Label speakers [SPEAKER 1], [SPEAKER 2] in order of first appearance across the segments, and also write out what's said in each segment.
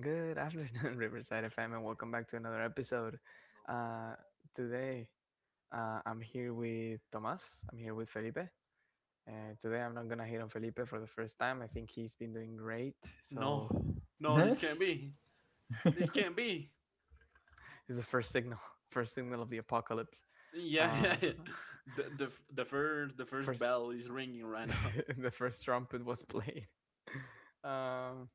[SPEAKER 1] Good afternoon, Riverside FM, and welcome back to another episode. Uh, today, I'm here with Tomas. I'm here with Felipe. And today, I'm not going to hate on Felipe for the first time. I think he's been doing great.
[SPEAKER 2] No,
[SPEAKER 1] So,
[SPEAKER 2] no,
[SPEAKER 3] Huh?
[SPEAKER 2] this can't be. This can't be.
[SPEAKER 1] it's the first signal, first signal of the apocalypse.
[SPEAKER 2] Yeah, yeah,
[SPEAKER 1] Uh,
[SPEAKER 2] yeah. The, the the first the first
[SPEAKER 1] first,
[SPEAKER 2] bell is ringing right now.
[SPEAKER 1] the first trumpet was played. Um,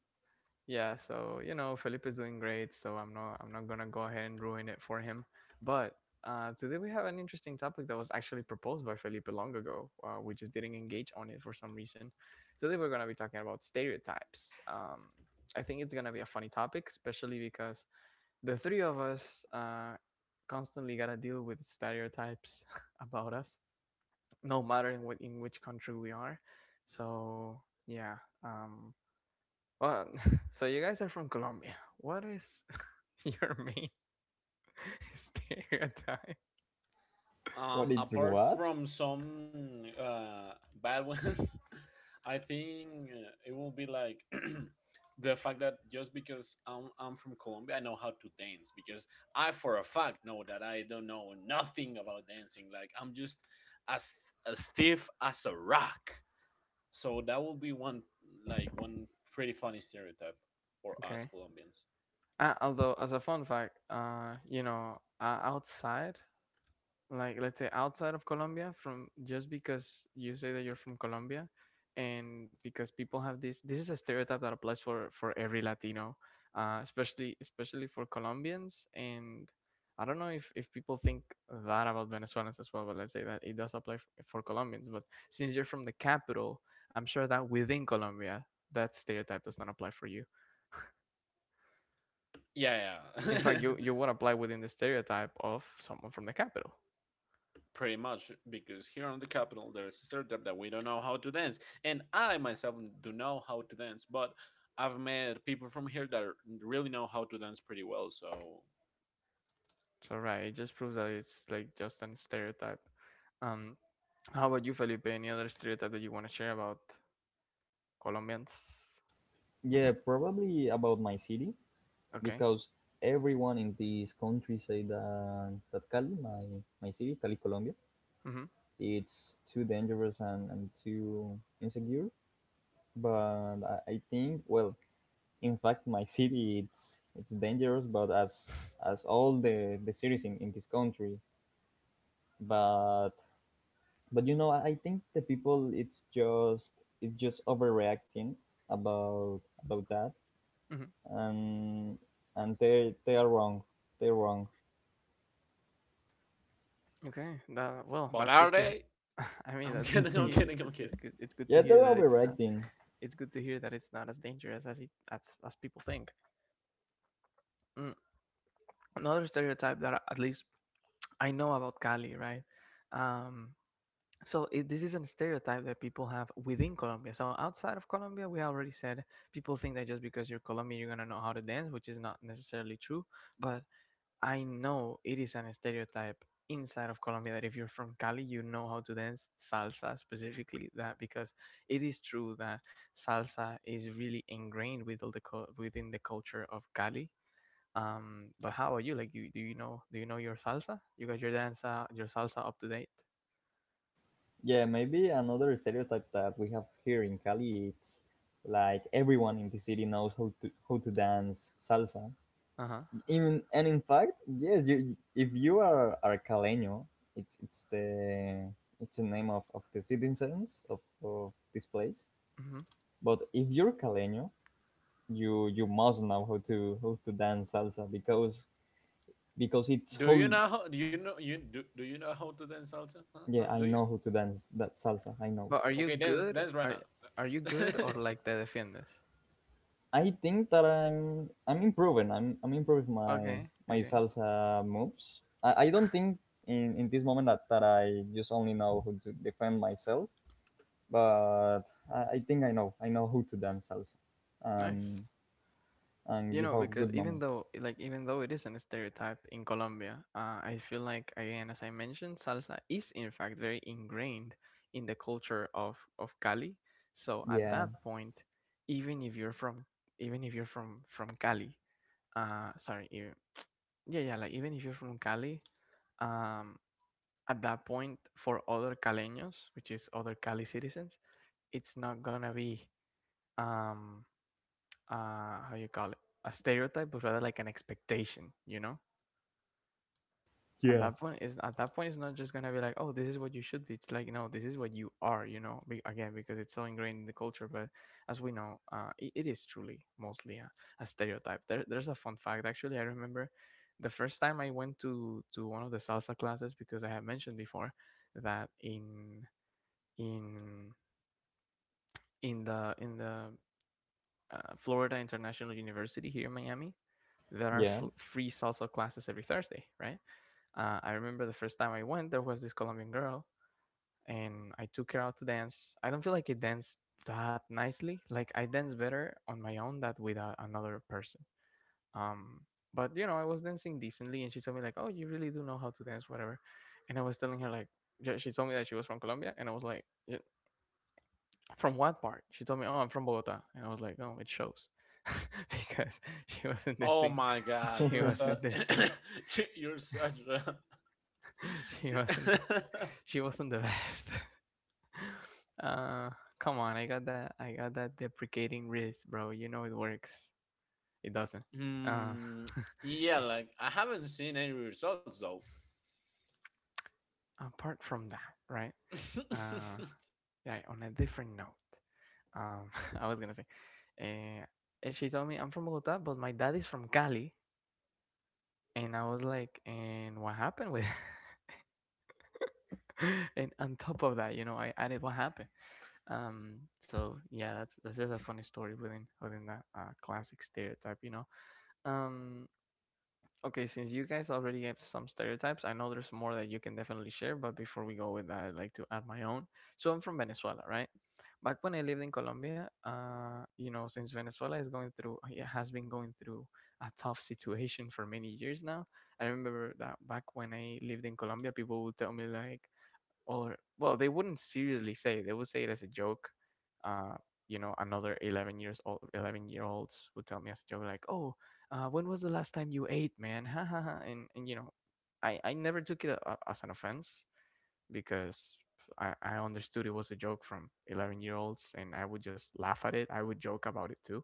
[SPEAKER 1] Yeah, Felipe is doing great, so I'm not gonna go ahead and ruin it for him. But today we have an interesting topic that was actually proposed by Felipe long ago. We just didn't engage on it for some reason. Today we're gonna be talking about stereotypes. I think it's gonna be a funny topic, especially because the three of us constantly gotta deal with stereotypes about us, no matter in which country we are. So yeah. Um, well, so you guys are from Colombia. What is your main stereotype?
[SPEAKER 3] What it's
[SPEAKER 2] Apart
[SPEAKER 3] what?
[SPEAKER 2] from some bad ones, I think it will be like the fact that just because I'm from Colombia, I know how to dance, because I for a fact know that I don't know nothing about dancing. Like I'm just as stiff as a rock. So that will be one pretty funny stereotype for us
[SPEAKER 1] Okay.
[SPEAKER 2] Colombians.
[SPEAKER 1] Although, as a fun fact, outside, like let's say outside of Colombia, from just because you say that you're from Colombia and because people have this, is a stereotype that applies for every Latino, especially for Colombians, and I don't know if people think that about Venezuelans as well, but let's say that it does apply for Colombians. But since you're from the capital, I'm sure that within Colombia, that stereotype does not apply for you.
[SPEAKER 2] Yeah,
[SPEAKER 1] In
[SPEAKER 2] yeah.
[SPEAKER 1] fact, you would apply within the stereotype of someone from the capital.
[SPEAKER 2] Pretty much, because here on the capital there is a stereotype that we don't know how to dance. And I myself do know how to dance, but I've met people from here really know how to dance pretty well, so
[SPEAKER 1] So right, it just proves that it's like just a stereotype. Um, how about you, Felipe? Any other stereotype that you want to share about Colombians?
[SPEAKER 3] Yeah, probably about my city
[SPEAKER 1] Okay.
[SPEAKER 3] because everyone in this country say that Cali, my city, Cali, Colombia,
[SPEAKER 1] Mhm.
[SPEAKER 3] it's too dangerous and too insecure. But I think, well, in fact, my city it's dangerous, but as all the cities in this country, but I think the people it's just overreacting about that
[SPEAKER 1] Mhm.
[SPEAKER 3] and they are wrong. They're wrong.
[SPEAKER 1] Okay. That well,
[SPEAKER 2] but
[SPEAKER 1] that's
[SPEAKER 2] are
[SPEAKER 1] good to.
[SPEAKER 2] they?
[SPEAKER 1] I mean,
[SPEAKER 2] I'm
[SPEAKER 1] that's good
[SPEAKER 2] kidding,
[SPEAKER 1] to
[SPEAKER 2] I'm
[SPEAKER 1] hear. It's
[SPEAKER 2] kidding,
[SPEAKER 1] good.
[SPEAKER 2] I'm kidding.
[SPEAKER 1] It's good. It's good to
[SPEAKER 3] Yeah,
[SPEAKER 1] hear
[SPEAKER 3] they're
[SPEAKER 1] that it's not.
[SPEAKER 3] overreacting.
[SPEAKER 1] It's good to hear that it's not as dangerous as it as people think. Mm. Another stereotype that at least I know about Cali, right? Um, this is a stereotype that people have within Colombia. So outside of Colombia, we already said people think that just because you're Colombian, you're gonna know how to dance, which is not necessarily true. But I know it is an stereotype inside of Colombia that if you're from Cali, you know how to dance salsa specifically. That because it is true that salsa is really ingrained with within the culture of Cali. But how are you? Like, you do you know your salsa? You got your dance your salsa up to date?
[SPEAKER 3] Yeah, maybe another stereotype that we have here in Cali it's like everyone in the city knows how to dance salsa.
[SPEAKER 1] Uh huh.
[SPEAKER 3] Even and In fact, yes, you, if you are caleño, it's it's the it's the name of the citizens of this place. But if you're caleño, you must know how to dance salsa because it's how.
[SPEAKER 2] Do you know do you know how to dance salsa? Huh? Huh?
[SPEAKER 3] Yeah,
[SPEAKER 2] Do
[SPEAKER 3] I
[SPEAKER 2] you?
[SPEAKER 3] know who to dance that salsa. I know.
[SPEAKER 1] But are you
[SPEAKER 2] Okay, dance
[SPEAKER 1] good?
[SPEAKER 2] dance right
[SPEAKER 1] Are
[SPEAKER 2] now.
[SPEAKER 1] are you good, or like te defiendes?
[SPEAKER 3] I think that I'm improving. I'm improving my
[SPEAKER 1] Okay,
[SPEAKER 3] my
[SPEAKER 1] okay,
[SPEAKER 3] salsa moves. I don't think in this moment that I just only know who to defend myself, but I think I know. I know who to dance salsa
[SPEAKER 1] nice.
[SPEAKER 3] and
[SPEAKER 1] You
[SPEAKER 3] give
[SPEAKER 1] know,
[SPEAKER 3] a
[SPEAKER 1] because
[SPEAKER 3] good
[SPEAKER 1] even
[SPEAKER 3] moment.
[SPEAKER 1] though, like, even though it isn't a stereotype in Colombia, I feel like, again, as I mentioned, salsa is in fact very ingrained in the culture of Cali. So at
[SPEAKER 3] Yeah.
[SPEAKER 1] that point, even if you're from, even if you're from Cali, uh, sorry, you, yeah, yeah, like even if you're from Cali, um, at that point for other Caleños, which is other Cali citizens, it's not gonna be um how you call it, a stereotype, but rather like an expectation. You know,
[SPEAKER 3] Yeah.
[SPEAKER 1] at that point it's not just gonna be like, oh, this is what you should be. It's like, no, this is what you are. You know, again, because it's so ingrained in the culture. But as we know, it is truly mostly a stereotype. There's a fun fact actually. I remember the first time I went to one of the salsa classes, because I have mentioned before that in in the Florida International University here in Miami. There are
[SPEAKER 3] Yeah.
[SPEAKER 1] free salsa classes every Thursday, right? I remember the first time I went, there was this Colombian girl, and I took her out to dance. I don't feel like I danced that nicely. Like I dance better on my own than with another person. Um, but you know, I was dancing decently, and she told me like, "Oh, you really do know how to dance, whatever." And I was telling her like, yeah, she told me that she was from Colombia, and I was like, "Yeah, from what part?" She told me, "Oh, I'm from Bogota," and I was like, "No, it shows," because she wasn't
[SPEAKER 2] Oh
[SPEAKER 1] dancing.
[SPEAKER 2] my God,
[SPEAKER 1] She
[SPEAKER 2] you're
[SPEAKER 1] wasn't
[SPEAKER 2] such
[SPEAKER 1] dancing.
[SPEAKER 2] you're such a
[SPEAKER 1] She
[SPEAKER 2] you're-
[SPEAKER 1] wasn't. She wasn't the best. Uh, come on, I got that. I got that deprecating wrist, bro. You know it works. It doesn't. Uh,
[SPEAKER 2] Hmm, yeah, like I haven't seen any results though.
[SPEAKER 1] apart from that, right? Uh, yeah, on a different note, um, I was gonna say, uh, and she told me, I'm from Bogota, but my dad is from Cali. And I was like, and what happened with, and on top of that, you know, I added what happened. So yeah, that's just a funny story within that classic stereotype, you know. Um, Okay, since you guys already have some stereotypes, I know there's more that you can definitely share, but before we go with that, I'd like to add my own. So I'm from Venezuela, right? Back when I lived in Colombia, you know, since Venezuela is going through, it has been going through a tough situation for many years now. I remember that back when I lived in Colombia, people would tell me like, or well, they wouldn't seriously say. It. They would say it as a joke. Uh, you know, another eleven years old, eleven-year-olds would tell me as a joke, like, "Oh, when was the last time you ate, man?" Ha ha ha. And you know, I never took it as an offense because I understood it was a joke from eleven-year-olds, and I would just laugh at it. I would joke about it too,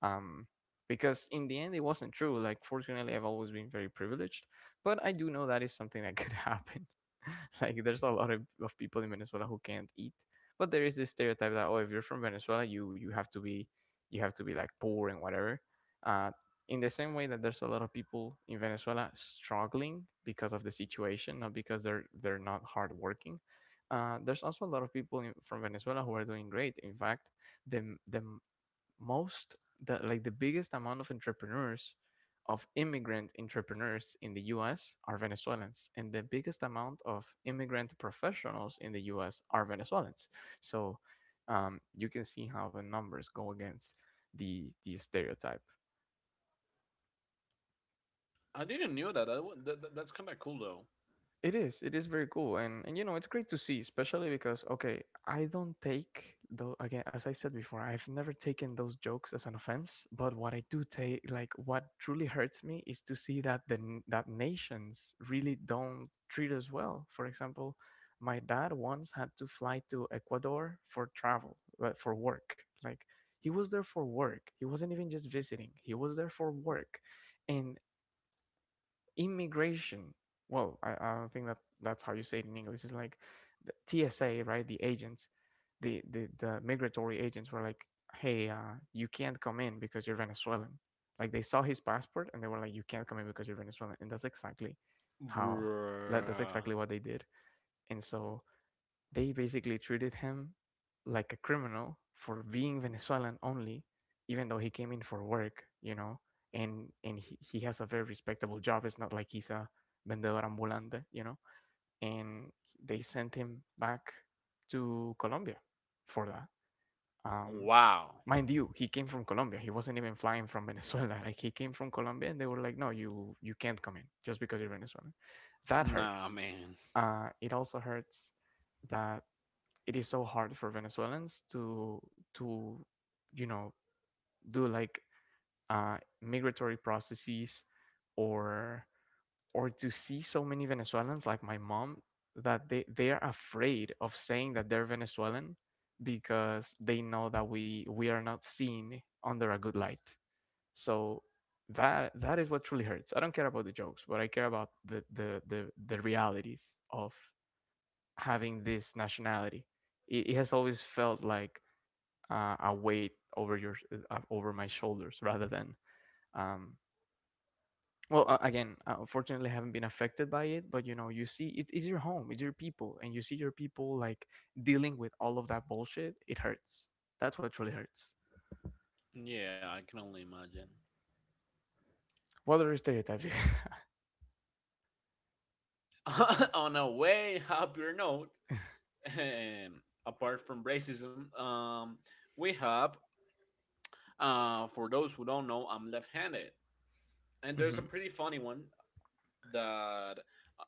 [SPEAKER 1] um, because in the end it wasn't true. Like, fortunately, I've always been very privileged, but I do know that is something that could happen. like there's a lot of people in Venezuela who can't eat, but there is this stereotype that, oh, if you're from Venezuela, you have to be, you have to be like poor and whatever. Uh, in the same way that there's a lot of people in Venezuela struggling because of the situation, not because they're not hardworking. There's also a lot of people from Venezuela who are doing great. In fact, the most the like the biggest amount of entrepreneurs, of immigrant entrepreneurs in the US are Venezuelans, and the biggest amount of immigrant professionals in the US are Venezuelans. So you can see how the numbers go against the stereotype.
[SPEAKER 2] I didn't knew that. That's kind of cool though.
[SPEAKER 1] It is. It is very cool, and you know it's great to see, especially because okay, I don't take though, again, as I said before, I've never taken those jokes as an offense. But what I do take, like what truly hurts me, is to see that that nations really don't treat us well. For example, my dad once had to fly to Ecuador for travel, like for work. Like he was there for work. He wasn't even just visiting. He was there for work, and immigration. Whoa, I don't think that that's how you say it in English. It's like the TSA, right? The agents, the migratory agents were like, hey, you can't come in because you're Venezuelan. Like they saw his passport and they were like, you can't come in because you're Venezuelan. And that's exactly how, like, that's exactly
[SPEAKER 2] Bruh.
[SPEAKER 1] what they did. And so they basically treated him like a criminal for being Venezuelan only, even though he came in for work, you know, and he has a very respectable job. It's not like he's a vendedor ambulante, you know, and they sent him back to Colombia for that. Um,
[SPEAKER 2] Wow.
[SPEAKER 1] mind you, he came from Colombia. He wasn't even flying from Venezuela. Like he came from Colombia, and they were like, "No, you can't come in just because you're Venezuelan." That
[SPEAKER 2] Nah,
[SPEAKER 1] hurts.
[SPEAKER 2] man.
[SPEAKER 1] It also hurts that it is so hard for Venezuelans to to you know do like uh, migratory processes, or or to see so many Venezuelans like my mom that they are afraid of saying that they're Venezuelan because they know that we are not seen under a good light. So that is what truly hurts. I don't care about the jokes, but I care about the realities of having this nationality. It has always felt like a weight over your over my shoulders rather than um, well again unfortunately I haven't been affected by it, but you know, you see it's your home, it's your people, and you see your people like dealing with all of that bullshit. It hurts. That's what truly hurts.
[SPEAKER 2] Yeah, I can only imagine.
[SPEAKER 1] What other stereotypes you.
[SPEAKER 2] On a way happier note, apart from racism, we have for those who don't know, I'm left-handed. And there's a
[SPEAKER 1] Mhm.
[SPEAKER 2] pretty funny one that uh,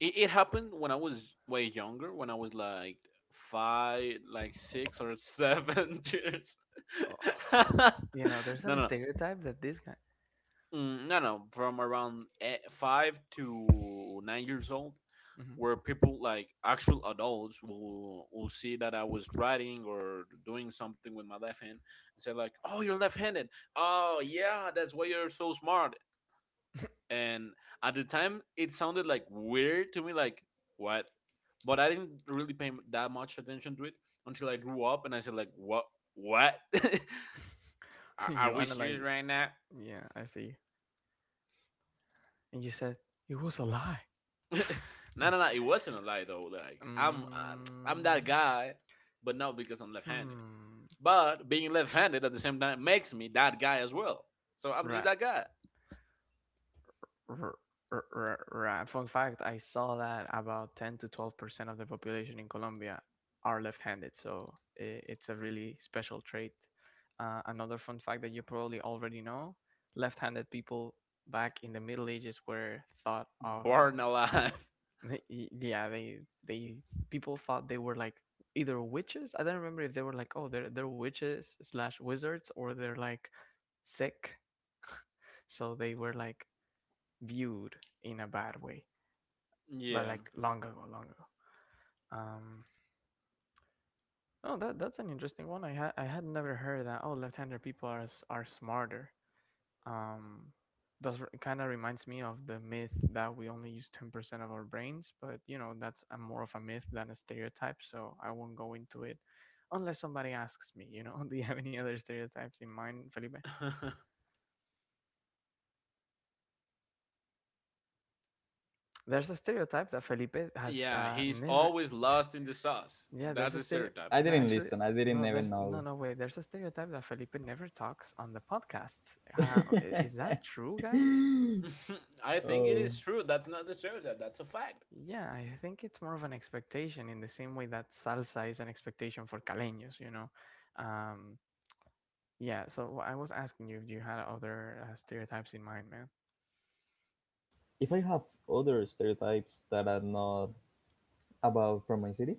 [SPEAKER 2] it happened when I was way younger, when I was like five, like 6 or 7 years.
[SPEAKER 1] Oh,
[SPEAKER 2] No,
[SPEAKER 1] you know, there's an
[SPEAKER 2] no,
[SPEAKER 1] stereotype that this guy.
[SPEAKER 2] mm, no, no. From around 5 to 9 years old,
[SPEAKER 1] Mhm.
[SPEAKER 2] where people like actual adults will see that I was writing or doing something with my left hand and say like, "Oh, you're left-handed. Oh, yeah, that's why you're so smart." And at the time it sounded like weird to me, like what, but I didn't really pay that much attention to it until I grew up and I said like what, are,
[SPEAKER 1] You
[SPEAKER 2] are we
[SPEAKER 1] analyze
[SPEAKER 2] serious
[SPEAKER 1] it.
[SPEAKER 2] right now?
[SPEAKER 1] Yeah, I see. And you said it was a lie.
[SPEAKER 2] No, no, no, it wasn't a lie though, like I'm that
[SPEAKER 1] mm,
[SPEAKER 2] guy, but not because I'm left-handed,
[SPEAKER 1] hmm.
[SPEAKER 2] but being left-handed at the same time makes me that guy as well, so I'm just
[SPEAKER 1] Right.
[SPEAKER 2] that guy.
[SPEAKER 1] R- right. Fun fact, I saw that about 10 to 12% of the population in Colombia are left-handed, so it's a really special trait. Another fun fact that you probably already know, left-handed people back in the Middle Ages were thought of,
[SPEAKER 2] Born alive.
[SPEAKER 1] yeah, they people thought they were like either witches. I don't remember if they were like, oh, they're witches slash wizards or they're like sick. So they were like viewed in a bad way, but
[SPEAKER 2] Yeah.
[SPEAKER 1] like long ago, long ago. Um, oh, that's an interesting one. I had never heard that. Oh, left-hander people are are smarter. Um, does kind of reminds me of the myth that we only use 10% of our brains, but you know that's more of a myth than a stereotype. So I won't go into it unless somebody asks me. You know, do you have any other stereotypes in mind, Felipe? There's a stereotype that Felipe has
[SPEAKER 2] Yeah, he's
[SPEAKER 1] never.
[SPEAKER 2] always lost in the sauce.
[SPEAKER 1] Yeah, there's
[SPEAKER 2] That's
[SPEAKER 1] a
[SPEAKER 2] a
[SPEAKER 1] stereo.
[SPEAKER 2] stereotype.
[SPEAKER 3] I
[SPEAKER 1] No,
[SPEAKER 3] didn't
[SPEAKER 1] actually,
[SPEAKER 3] listen. I didn't
[SPEAKER 1] no.
[SPEAKER 3] even
[SPEAKER 1] There's no,
[SPEAKER 3] know.
[SPEAKER 1] no way. There's a stereotype that Felipe never talks on the podcast. Is that true, guys?
[SPEAKER 2] I think it
[SPEAKER 3] Oh.
[SPEAKER 2] is true. That's not the stereotype. That's a fact.
[SPEAKER 1] Yeah, I think it's more of an expectation in the same way that salsa is an expectation for caleños. You know, um, yeah. So I was asking you if you had other stereotypes in mind, man.
[SPEAKER 3] If I have other stereotypes that are not about from my city,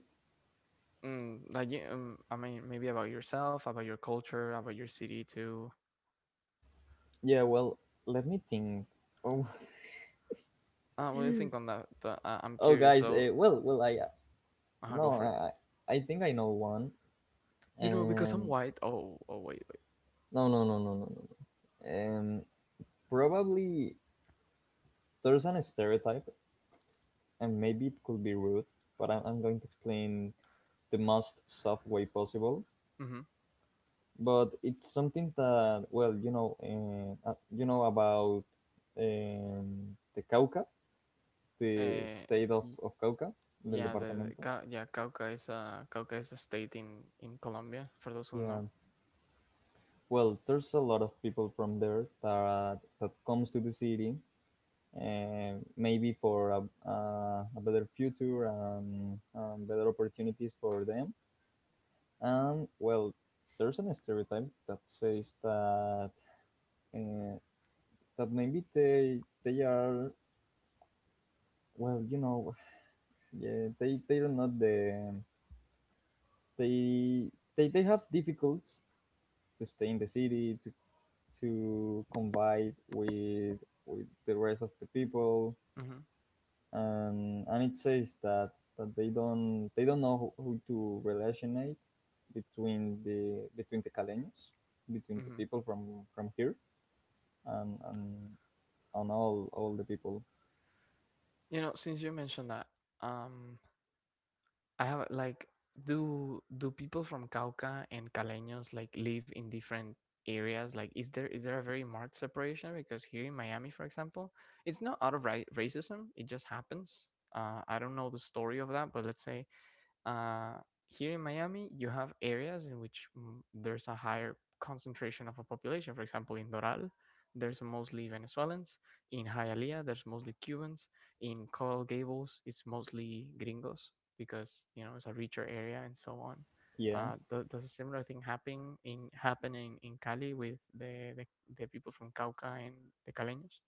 [SPEAKER 1] Mm, like, I mean, maybe about yourself, about your culture, about your city too.
[SPEAKER 3] yeah, well, let me think. Oh,
[SPEAKER 1] What do you think on that? I'm
[SPEAKER 3] oh,
[SPEAKER 1] curious.
[SPEAKER 3] guys.
[SPEAKER 1] So,
[SPEAKER 3] I
[SPEAKER 1] go
[SPEAKER 3] no,
[SPEAKER 1] for it.
[SPEAKER 3] I think I know one.
[SPEAKER 1] You know, because I'm
[SPEAKER 3] Um,
[SPEAKER 1] white. Oh, oh, wait. Wait.
[SPEAKER 3] no, no, no, no, no, no, no. Um, Probably there's an stereotype, and maybe it could be rude, but I'm going to explain the most soft way possible.
[SPEAKER 1] Mm-hmm.
[SPEAKER 3] But it's something that, well, you know about the Cauca, the
[SPEAKER 1] Uh,
[SPEAKER 3] state
[SPEAKER 1] y-
[SPEAKER 3] of Cauca, del
[SPEAKER 1] yeah,
[SPEAKER 3] departamento.
[SPEAKER 1] Yeah, Cauca is a state in Colombia. For those who
[SPEAKER 3] Yeah.
[SPEAKER 1] know,
[SPEAKER 3] Well, there's a lot of people from there that comes to the city, and maybe for a better future and better opportunities for them. And well, there's an stereotype that says that uh, that maybe they are, well, you know, yeah, they are not the they they have difficulties to stay in the city to combine with the rest of the people,
[SPEAKER 1] hmm,
[SPEAKER 3] and it says that that they don't know who, to relationate between the caleños, between the
[SPEAKER 1] hmm,
[SPEAKER 3] people from here and on all the people.
[SPEAKER 1] you know, since you mentioned that, um, I have like, do people from Cauca and Caleños like live in different areas? Like, is there a very marked separation? Because here in Miami, for example, it's not out of racism; it just happens. I don't know the story of that, but let's say uh, here in Miami, you have areas in which mm, there's a higher concentration of a population. For example, in Doral, there's mostly Venezuelans. In Hialeah, there's mostly Cubans. In Coral Gables, it's mostly gringos because you know it's a richer area and so on.
[SPEAKER 3] Yeah,
[SPEAKER 1] Does a similar thing happen in in Cali with the the people from Cauca and the Caleños?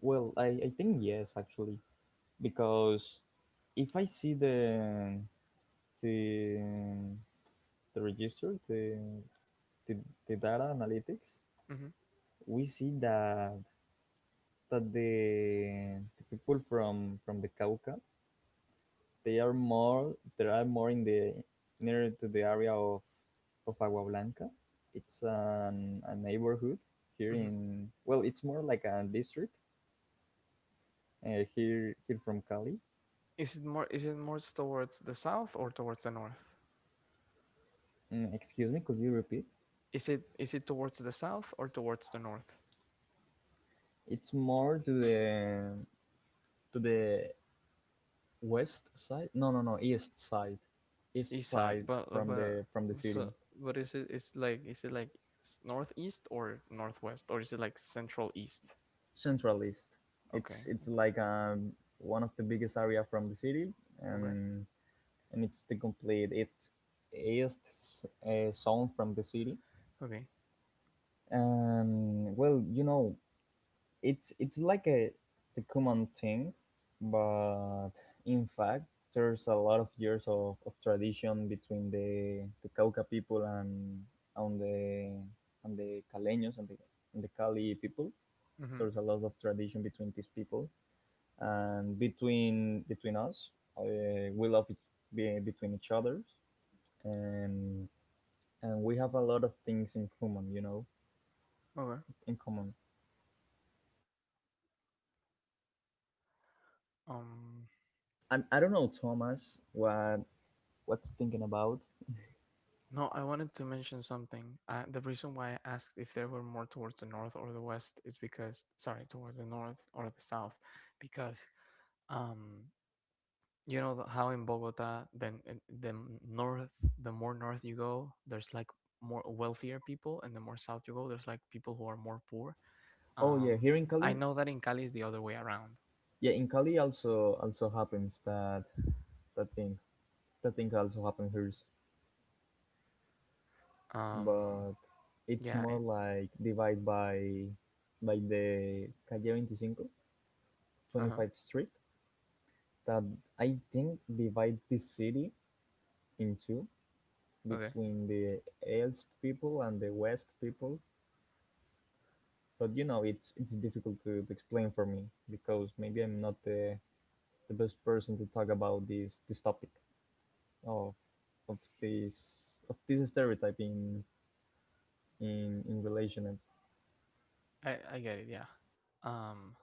[SPEAKER 3] well, I think yes actually because if I see the the the register, the the, the data analytics,
[SPEAKER 1] Hmm,
[SPEAKER 3] we see that the people from the Cauca, they are more, there are more in the nearer to the area of Agua Blanca. It's a neighborhood here
[SPEAKER 1] hmm.
[SPEAKER 3] in, well, it's more like a district here from Cali.
[SPEAKER 1] Is it more towards the south or towards the north?
[SPEAKER 3] Mm, excuse me, could you repeat?
[SPEAKER 1] Is it towards the south or towards the north?
[SPEAKER 3] It's more to the to the west side. No, no, no, east
[SPEAKER 1] East side.
[SPEAKER 3] side
[SPEAKER 1] But uh,
[SPEAKER 3] from
[SPEAKER 1] but
[SPEAKER 3] the city,
[SPEAKER 1] so but is it is like is it like northeast or northwest or is it like central east?
[SPEAKER 3] central east.
[SPEAKER 1] Okay.
[SPEAKER 3] It's like one of the biggest area from the city,
[SPEAKER 1] Okay.
[SPEAKER 3] and and it's the complete it's east zone from the city.
[SPEAKER 1] Okay.
[SPEAKER 3] And well, you know, it's like a, the common thing, but in fact, there's a lot of years of tradition between the Cauca people and on the and the Caleños and the Cali people.
[SPEAKER 1] Mhm.
[SPEAKER 3] There's a lot of tradition between these people and between us. We love it between each others, and we have a lot of things in common, you know,
[SPEAKER 1] Okay.
[SPEAKER 3] in common.
[SPEAKER 1] Um,
[SPEAKER 3] And I don't know, Thomas, what what's thinking about?
[SPEAKER 1] no, I wanted to mention something. The reason why I asked if there were more towards the north or the west is because sorry, towards the north or the south because um, you know how in Bogota, then north, the more north you go, there's like more wealthier people, and the more south you go, there's like people who are more poor.
[SPEAKER 3] Oh yeah,
[SPEAKER 1] Um,
[SPEAKER 3] here in
[SPEAKER 1] I
[SPEAKER 3] Cali,
[SPEAKER 1] know that in Cali is the other way around.
[SPEAKER 3] yeah, in Cali also happens that that thing. That thing also happens here,
[SPEAKER 1] Um,
[SPEAKER 3] but it's
[SPEAKER 1] yeah. It,
[SPEAKER 3] more like divided by the calle 25,
[SPEAKER 1] uh-huh.
[SPEAKER 3] 25th Street, that I think divide this city in two
[SPEAKER 1] Okay.
[SPEAKER 3] between the east people and the west people. But you know it's difficult to explain for me because maybe I'm not the, the best person to talk about this topic of this stereotype in in relation. And
[SPEAKER 1] I get it. Yeah. Um,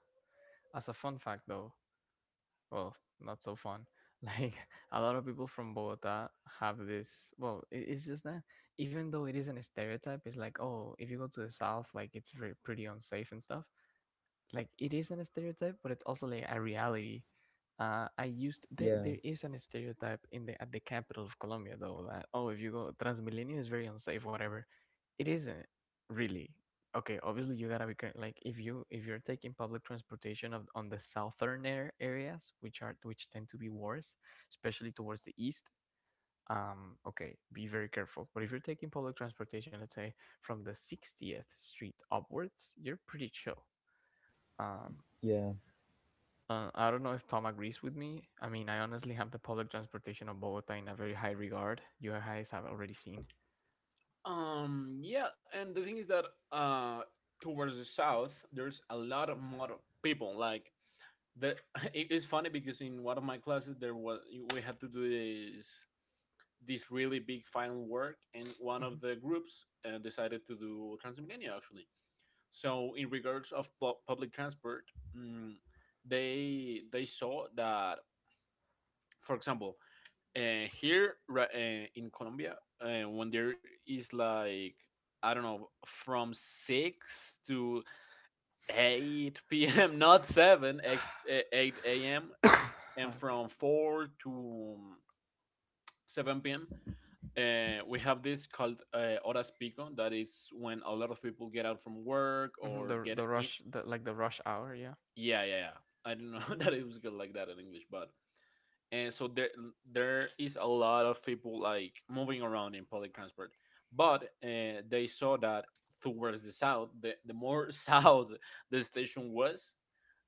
[SPEAKER 1] as a fun fact though, well, not so fun. Like a lot of people from Bogota have this. Well, it's just that even though it isn't a stereotype, it's like, oh, if you go to the south, like it's very pretty unsafe and stuff. Like it is an stereotype, but it's also like a reality. I used
[SPEAKER 3] yeah,
[SPEAKER 1] there is an stereotype in the at the capital of Colombia though that oh if you go Transmilenio is very unsafe whatever, it isn't really. Okay, obviously you gotta be like if you're taking public transportation of on the southern air areas which are which tend to be worse, especially towards the east. Okay, be very careful. But if you're taking public transportation, let's say from the 60th Street upwards, you're pretty chill. Um,
[SPEAKER 3] yeah,
[SPEAKER 1] I don't know if Tom agrees with me. I mean, I honestly have the public transportation of Bogota in a very high regard. You guys have already seen.
[SPEAKER 2] Yeah, and the thing is that uh, towards the south, there's a lot of more people. Like the it is funny because in one of my classes there was we had to do this really big final work, and one of
[SPEAKER 1] Mhm.
[SPEAKER 2] the groups decided to do Transmilenio actually. So in regards of public transport, mm, they saw that, for example, here in Colombia, when there is like I don't know from 6 to 8 p.m. not seven 8 a.m. and
[SPEAKER 1] Okay.
[SPEAKER 2] from 4 to 7 p.m. We have this called horas pico. That is when a lot of people get out from work
[SPEAKER 1] Hmm.
[SPEAKER 2] or get
[SPEAKER 1] The
[SPEAKER 2] in.
[SPEAKER 1] rush, the like the rush hour. Yeah.
[SPEAKER 2] Yeah, yeah, yeah. I do not know that it was good like that in English, but and so there is a lot of people like moving around in public transport, but they saw that towards the south the more south the station was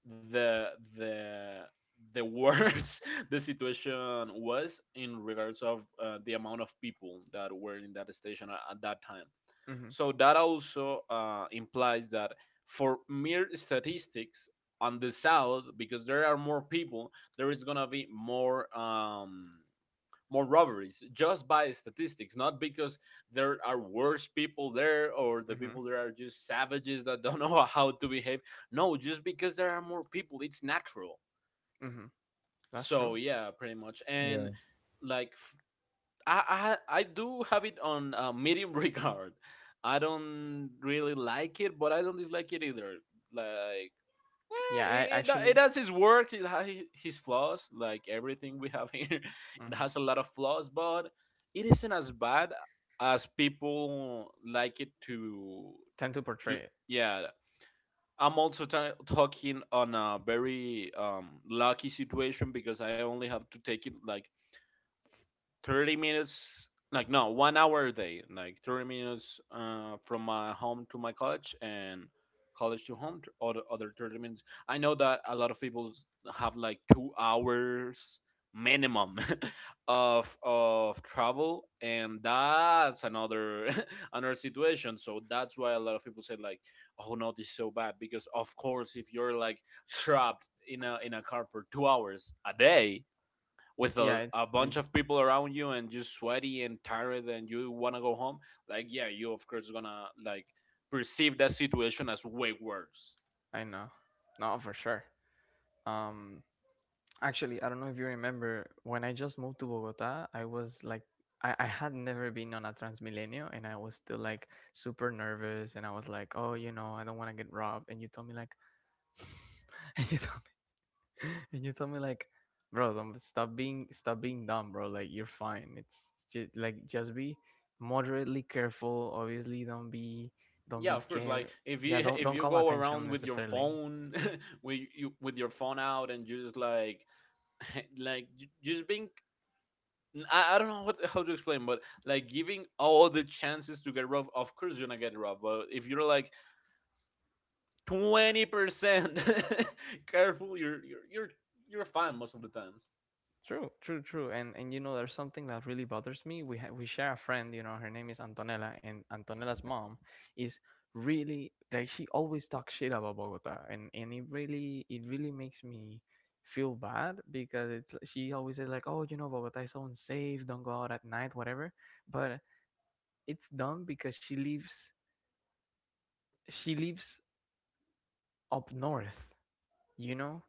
[SPEAKER 2] the the the worse the situation was in regards of the amount of people that were in that station at that time,
[SPEAKER 1] Mm-hmm.
[SPEAKER 2] so that also implies that for mere statistics on the south, because there are more people, there is gonna be more robberies just by statistics, not because there are worse people there or the
[SPEAKER 1] Mm-hmm.
[SPEAKER 2] people there are just savages that don't know how to behave. No, just because there are more people, it's natural.
[SPEAKER 1] Mm-hmm. That's
[SPEAKER 2] So
[SPEAKER 1] true.
[SPEAKER 2] yeah, pretty much. And
[SPEAKER 3] yeah,
[SPEAKER 2] like f- I do have it on medium regard. I don't really like it, but I don't dislike it either. Like
[SPEAKER 1] Yeah,
[SPEAKER 2] it,
[SPEAKER 1] I
[SPEAKER 2] it do- it
[SPEAKER 1] actually
[SPEAKER 2] has its works, it has his flaws, like everything we have here. It
[SPEAKER 1] mhm,
[SPEAKER 2] has a lot of flaws, but it isn't as bad as people like it to
[SPEAKER 1] tend to
[SPEAKER 2] to
[SPEAKER 1] portray it.
[SPEAKER 2] Yeah. I'm also talking on a very lucky situation because I only have to take it like 30 minutes, like no, 1 hour a day, like 30 minutes from my home to my college, and college to home other 30 minutes. I know that a lot of people have like 2 hours minimum of travel, and that's another another situation, so that's why a lot of people say like, oh no, this is so bad, because of course if you're like trapped in a car for 2 hours a day with a,
[SPEAKER 1] Yeah,
[SPEAKER 2] a
[SPEAKER 1] it's
[SPEAKER 2] bunch
[SPEAKER 1] it's.
[SPEAKER 2] of people around you and you're sweaty and tired and you want to go home, like yeah, you of course gonna like perceive that situation as way worse.
[SPEAKER 1] I know. No, for sure. Um, Actually, I don't know if you remember when I just moved to Bogota, I was like, I had never been on a Transmilenio and I was still like super nervous and I was like, oh, you know, I don't want to get robbed. And you told me like, and you told me, and you told me like, bro, don't stop being dumb, bro. Like you're fine. It's just like, just be moderately careful. Obviously don't
[SPEAKER 2] Yeah,
[SPEAKER 1] be
[SPEAKER 2] of course, like
[SPEAKER 1] care.
[SPEAKER 2] if you
[SPEAKER 1] Yeah.
[SPEAKER 2] if
[SPEAKER 1] Don't
[SPEAKER 2] you
[SPEAKER 1] call
[SPEAKER 2] go
[SPEAKER 1] attention
[SPEAKER 2] around with your
[SPEAKER 1] necessarily.
[SPEAKER 2] phone with your phone out and you just like like you just being, I don't know what how to explain, but like giving all the chances to get rough, of course you're gonna get rough, but if you're like 20% careful you're fine most of the times.
[SPEAKER 1] True, true, true. And you know, there's something that really bothers me. We share a friend, you know, her name is Antonella, and Antonella's mom is really like she always talks shit about Bogota, and it really makes me feel bad because she always says like, oh, you know, Bogota is so unsafe. Don't go out at night, whatever. But it's dumb because she lives up north, you know,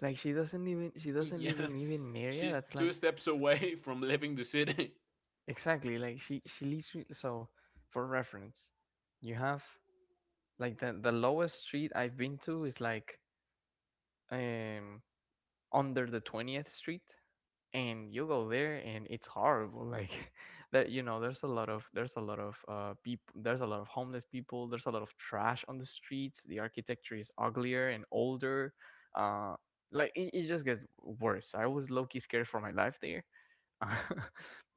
[SPEAKER 1] like she doesn't even she doesn't
[SPEAKER 2] Yeah,
[SPEAKER 1] live in even an area
[SPEAKER 2] she's
[SPEAKER 1] that's like
[SPEAKER 2] two steps away from leaving the city.
[SPEAKER 1] Exactly, like she literally so for reference, you have like the lowest street I've been to is like um under the 20th street and you go there and it's horrible like that you know there's a lot of people, there's a lot of homeless people, there's a lot of trash on the streets, the architecture is uglier and older, uh, like it just gets worse. I was low-key scared for my life there.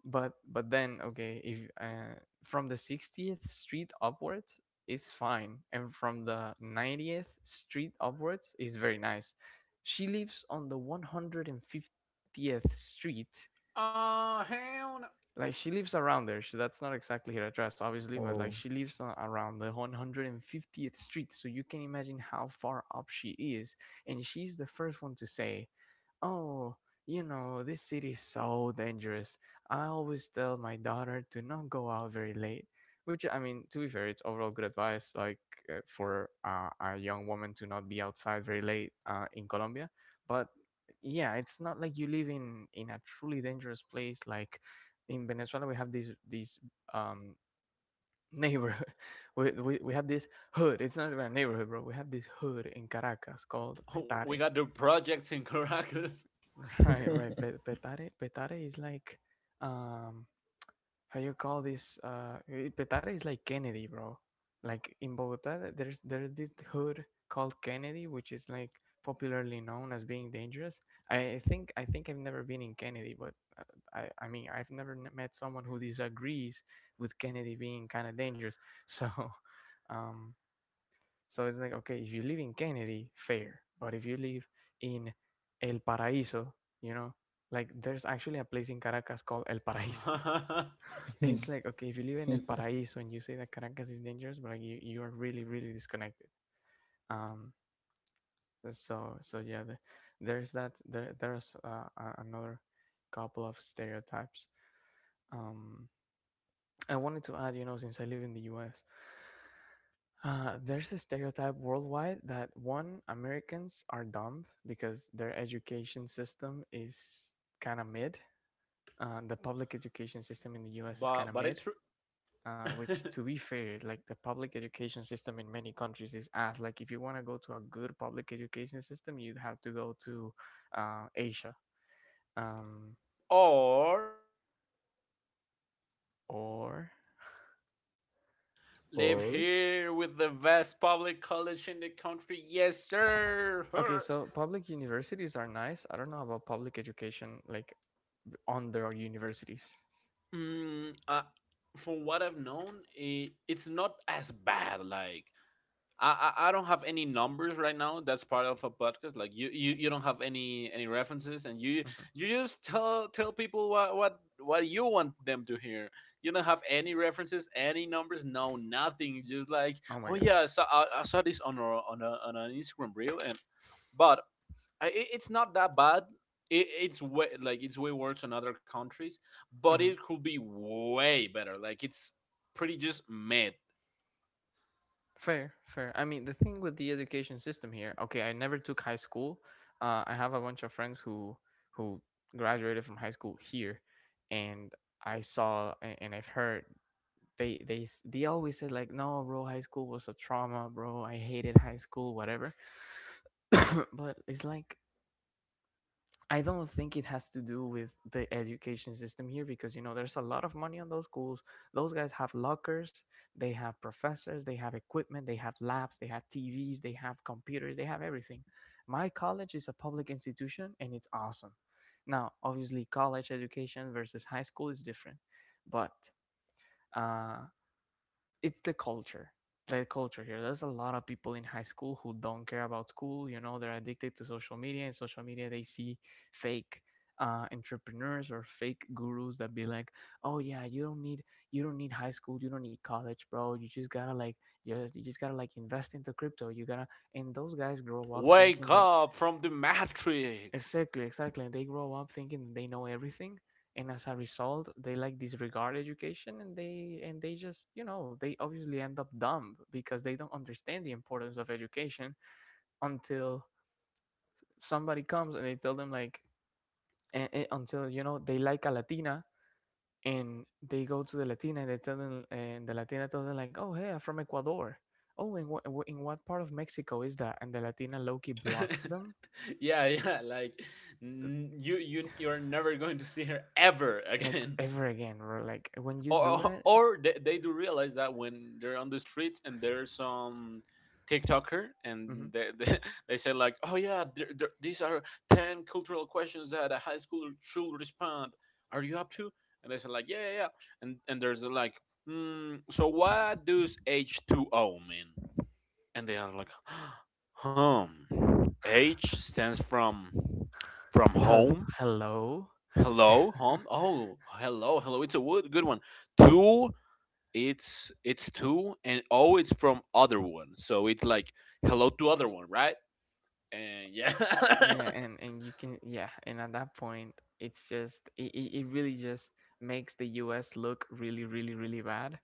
[SPEAKER 1] But then okay, if from the 60th street upwards is fine, and from the 90th street upwards is very nice. She lives on the 150th street.
[SPEAKER 2] Oh, hell no.
[SPEAKER 1] Like she lives around there. She that's not exactly her address, obviously, but like
[SPEAKER 3] oh,
[SPEAKER 1] she lives around the 150th street. So you can imagine how far up she is. And she's the first one to say, oh, you know, this city is so dangerous. I always tell my daughter to not go out very late, which I mean, to be fair, it's overall good advice, like for a young woman to not be outside very late in Colombia. But yeah, it's not like you live in a truly dangerous place. Like in Venezuela, we have these um neighborhood. We have this hood. It's not even a neighborhood, bro. We have this hood in Caracas called
[SPEAKER 2] Oh, we
[SPEAKER 1] Petare.
[SPEAKER 2] got the projects in Caracas.
[SPEAKER 1] Right, right. Petare, Petare is like, um, how you call this? Petare is like Kennedy, bro. Like in Bogota, there's this hood called Kennedy, which is like popularly known as being dangerous. I think I've never been in Kennedy, but I mean I've never met someone who disagrees with Kennedy being kind of dangerous. So, um, so it's like, okay, if you live in Kennedy, fair. But if you live in El Paraíso, you know, like there's actually a place in Caracas called El Paraíso.
[SPEAKER 2] but
[SPEAKER 1] It's like, okay, if you live in El Paraíso and you say that Caracas is dangerous, but like you are really, really disconnected. Um, so, so yeah, there's that, there, there's another couple of stereotypes. Um, I wanted to add, you know, since I live in the US, uh, there's a stereotype worldwide that one, Americans are dumb because their education system is kind of mid. The public education system in the US is kind of
[SPEAKER 2] but it's
[SPEAKER 1] mid,
[SPEAKER 2] true.
[SPEAKER 1] which, to be fair, like the public education system in many countries is ass. Like, if you want to go to a good public education system, you'd have to go to Asia. Um,
[SPEAKER 2] Or
[SPEAKER 1] or,
[SPEAKER 2] live
[SPEAKER 3] or
[SPEAKER 2] here with the best public college in the country. Yes, sir.
[SPEAKER 1] okay,
[SPEAKER 2] Her.
[SPEAKER 1] so public universities are nice. I don't know about public education, like, under universities.
[SPEAKER 2] Mm, uh, from what I've known, it's not as bad. Like I, I don't have any numbers right now. That's part of a podcast. Like you don't have any references, and you
[SPEAKER 1] Mhm.
[SPEAKER 2] you just tell people what you want them to hear. You don't have any references, any numbers, no nothing. Just like
[SPEAKER 1] Oh my
[SPEAKER 2] oh
[SPEAKER 1] God.
[SPEAKER 2] yeah, I saw this on an Instagram reel, and but it's not that bad. It's way like it's way worse in other countries, but it
[SPEAKER 1] Mhm.
[SPEAKER 2] could be way better. Like it's pretty just meh.
[SPEAKER 1] Fair, fair. I mean, the thing with the education system here, okay, I never took high school. I have a bunch of friends who who graduated from high school here, and I've heard they always said like, no, bro, high school was a trauma, bro. I hated high school, whatever. But it's like I don't think it has to do with the education system here because you know there's a lot of money on those schools. Those guys have lockers, they have professors, they have equipment, they have labs, they have TVs, they have computers, they have everything. My college is a public institution and it's awesome. Now, obviously, college education versus high school is different, but uh, it's the culture here. There's a lot of people in high school who don't care about school. You know, they're addicted to social media. In social media they see fake entrepreneurs or fake gurus that be like, oh yeah, you don't need high school, you don't need college, bro. You just gotta like you just gotta like invest into crypto, you gotta, and those guys grow up
[SPEAKER 2] Wake
[SPEAKER 1] thinking that.
[SPEAKER 2] up from the matrix.
[SPEAKER 1] Exactly, exactly. And they grow up thinking they know everything, and as a result, they like disregard education, and they just you know they obviously end up dumb because they don't understand the importance of education until somebody comes and they tell them like, until you know they like a Latina, and they go to the Latina and they tell them, and the Latina tells them like, oh hey, I'm from Ecuador. Oh, in what part of Mexico is that? And the Latina Loki blocks them.
[SPEAKER 2] Yeah, yeah, like you're never going to see her ever
[SPEAKER 1] Like
[SPEAKER 2] again.
[SPEAKER 1] ever again, or like when you
[SPEAKER 2] Or
[SPEAKER 1] do
[SPEAKER 2] or
[SPEAKER 1] that.
[SPEAKER 2] or they do realize that when they're on the streets and there's some TikToker and they say like, "Oh yeah, there, these are 10 cultural questions that a high schooler should respond. Are you up to?" And they say like, "Yeah, yeah, yeah." And there's the like, "So what does H2O mean?" And they are like, home. H stands from
[SPEAKER 1] Hel-
[SPEAKER 2] home.
[SPEAKER 1] Hello.
[SPEAKER 2] Hello, home. Oh, hello, hello. It's a good one. Two, it's two, and O, it's from other one. So it's like hello to other one, right? And yeah,
[SPEAKER 1] Yeah, and you can, yeah, and at that point, it it really just makes the US look really really really bad.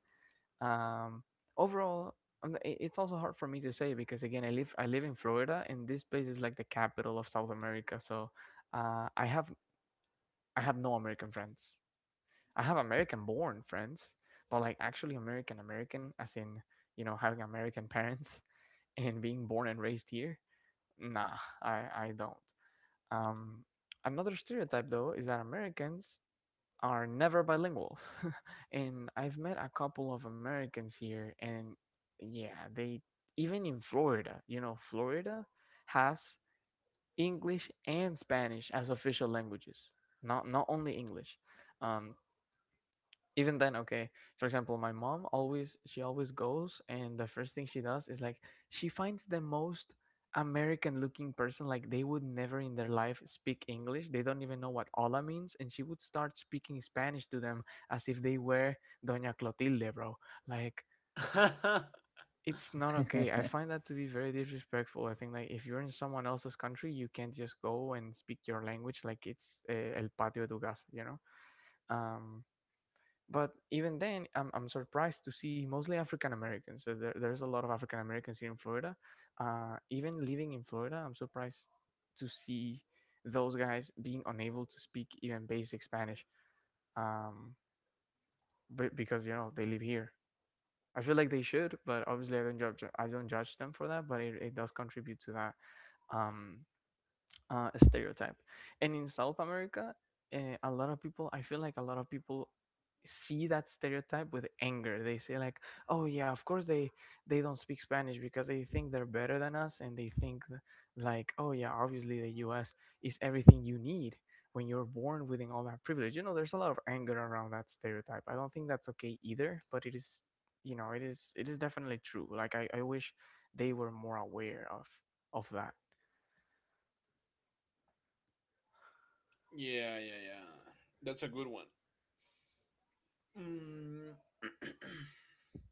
[SPEAKER 1] Um, Overall, it's also hard for me to say because again, I live in Florida, and this place is like the capital of South America. So, uh, I have I have no American friends. I have American-born friends, but like actually American American, as in you know having American parents and being born and raised here. Nah, I don't. Um, Another stereotype, though, is that Americans are never bilinguals. And I've met a couple of Americans here, and yeah, they, even in Florida, you know, Florida has English and Spanish as official languages, not only English. Um, Even then, okay, for example, my mom always, she always goes and the first thing she does is like she finds the most american looking person. Like they would never in their life speak english, they don't even know what hola means, and she would start speaking spanish to them as if they were doña clotilde, bro. Like
[SPEAKER 2] yeah,
[SPEAKER 1] it's not okay. I find that to be very disrespectful. I think like if you're in someone else's country you can't just go and speak your language like it's el patio de tu casa, you know. um but even then I'm surprised to see mostly african americans. So there's a lot of african americans here in florida. Even living in florida I'm surprised to see those guys being unable to speak even basic spanish. um, but because you know they live here I feel like they should, but obviously I don't judge, them for that. But it does contribute to that um, stereotype. And in South America, a lot of people, I feel like a lot of people see that stereotype with anger. They say like, "Oh yeah, of course they don't speak Spanish because they think they're better than us, and like, oh yeah, obviously the U.S. is everything you need." When you're born within all that privilege, you know, there's a lot of anger around that stereotype. I don't think that's okay either, but it is, you know, it is definitely true. Like I wish they were more aware of that.
[SPEAKER 2] yeah, yeah. That's a good one. Mm.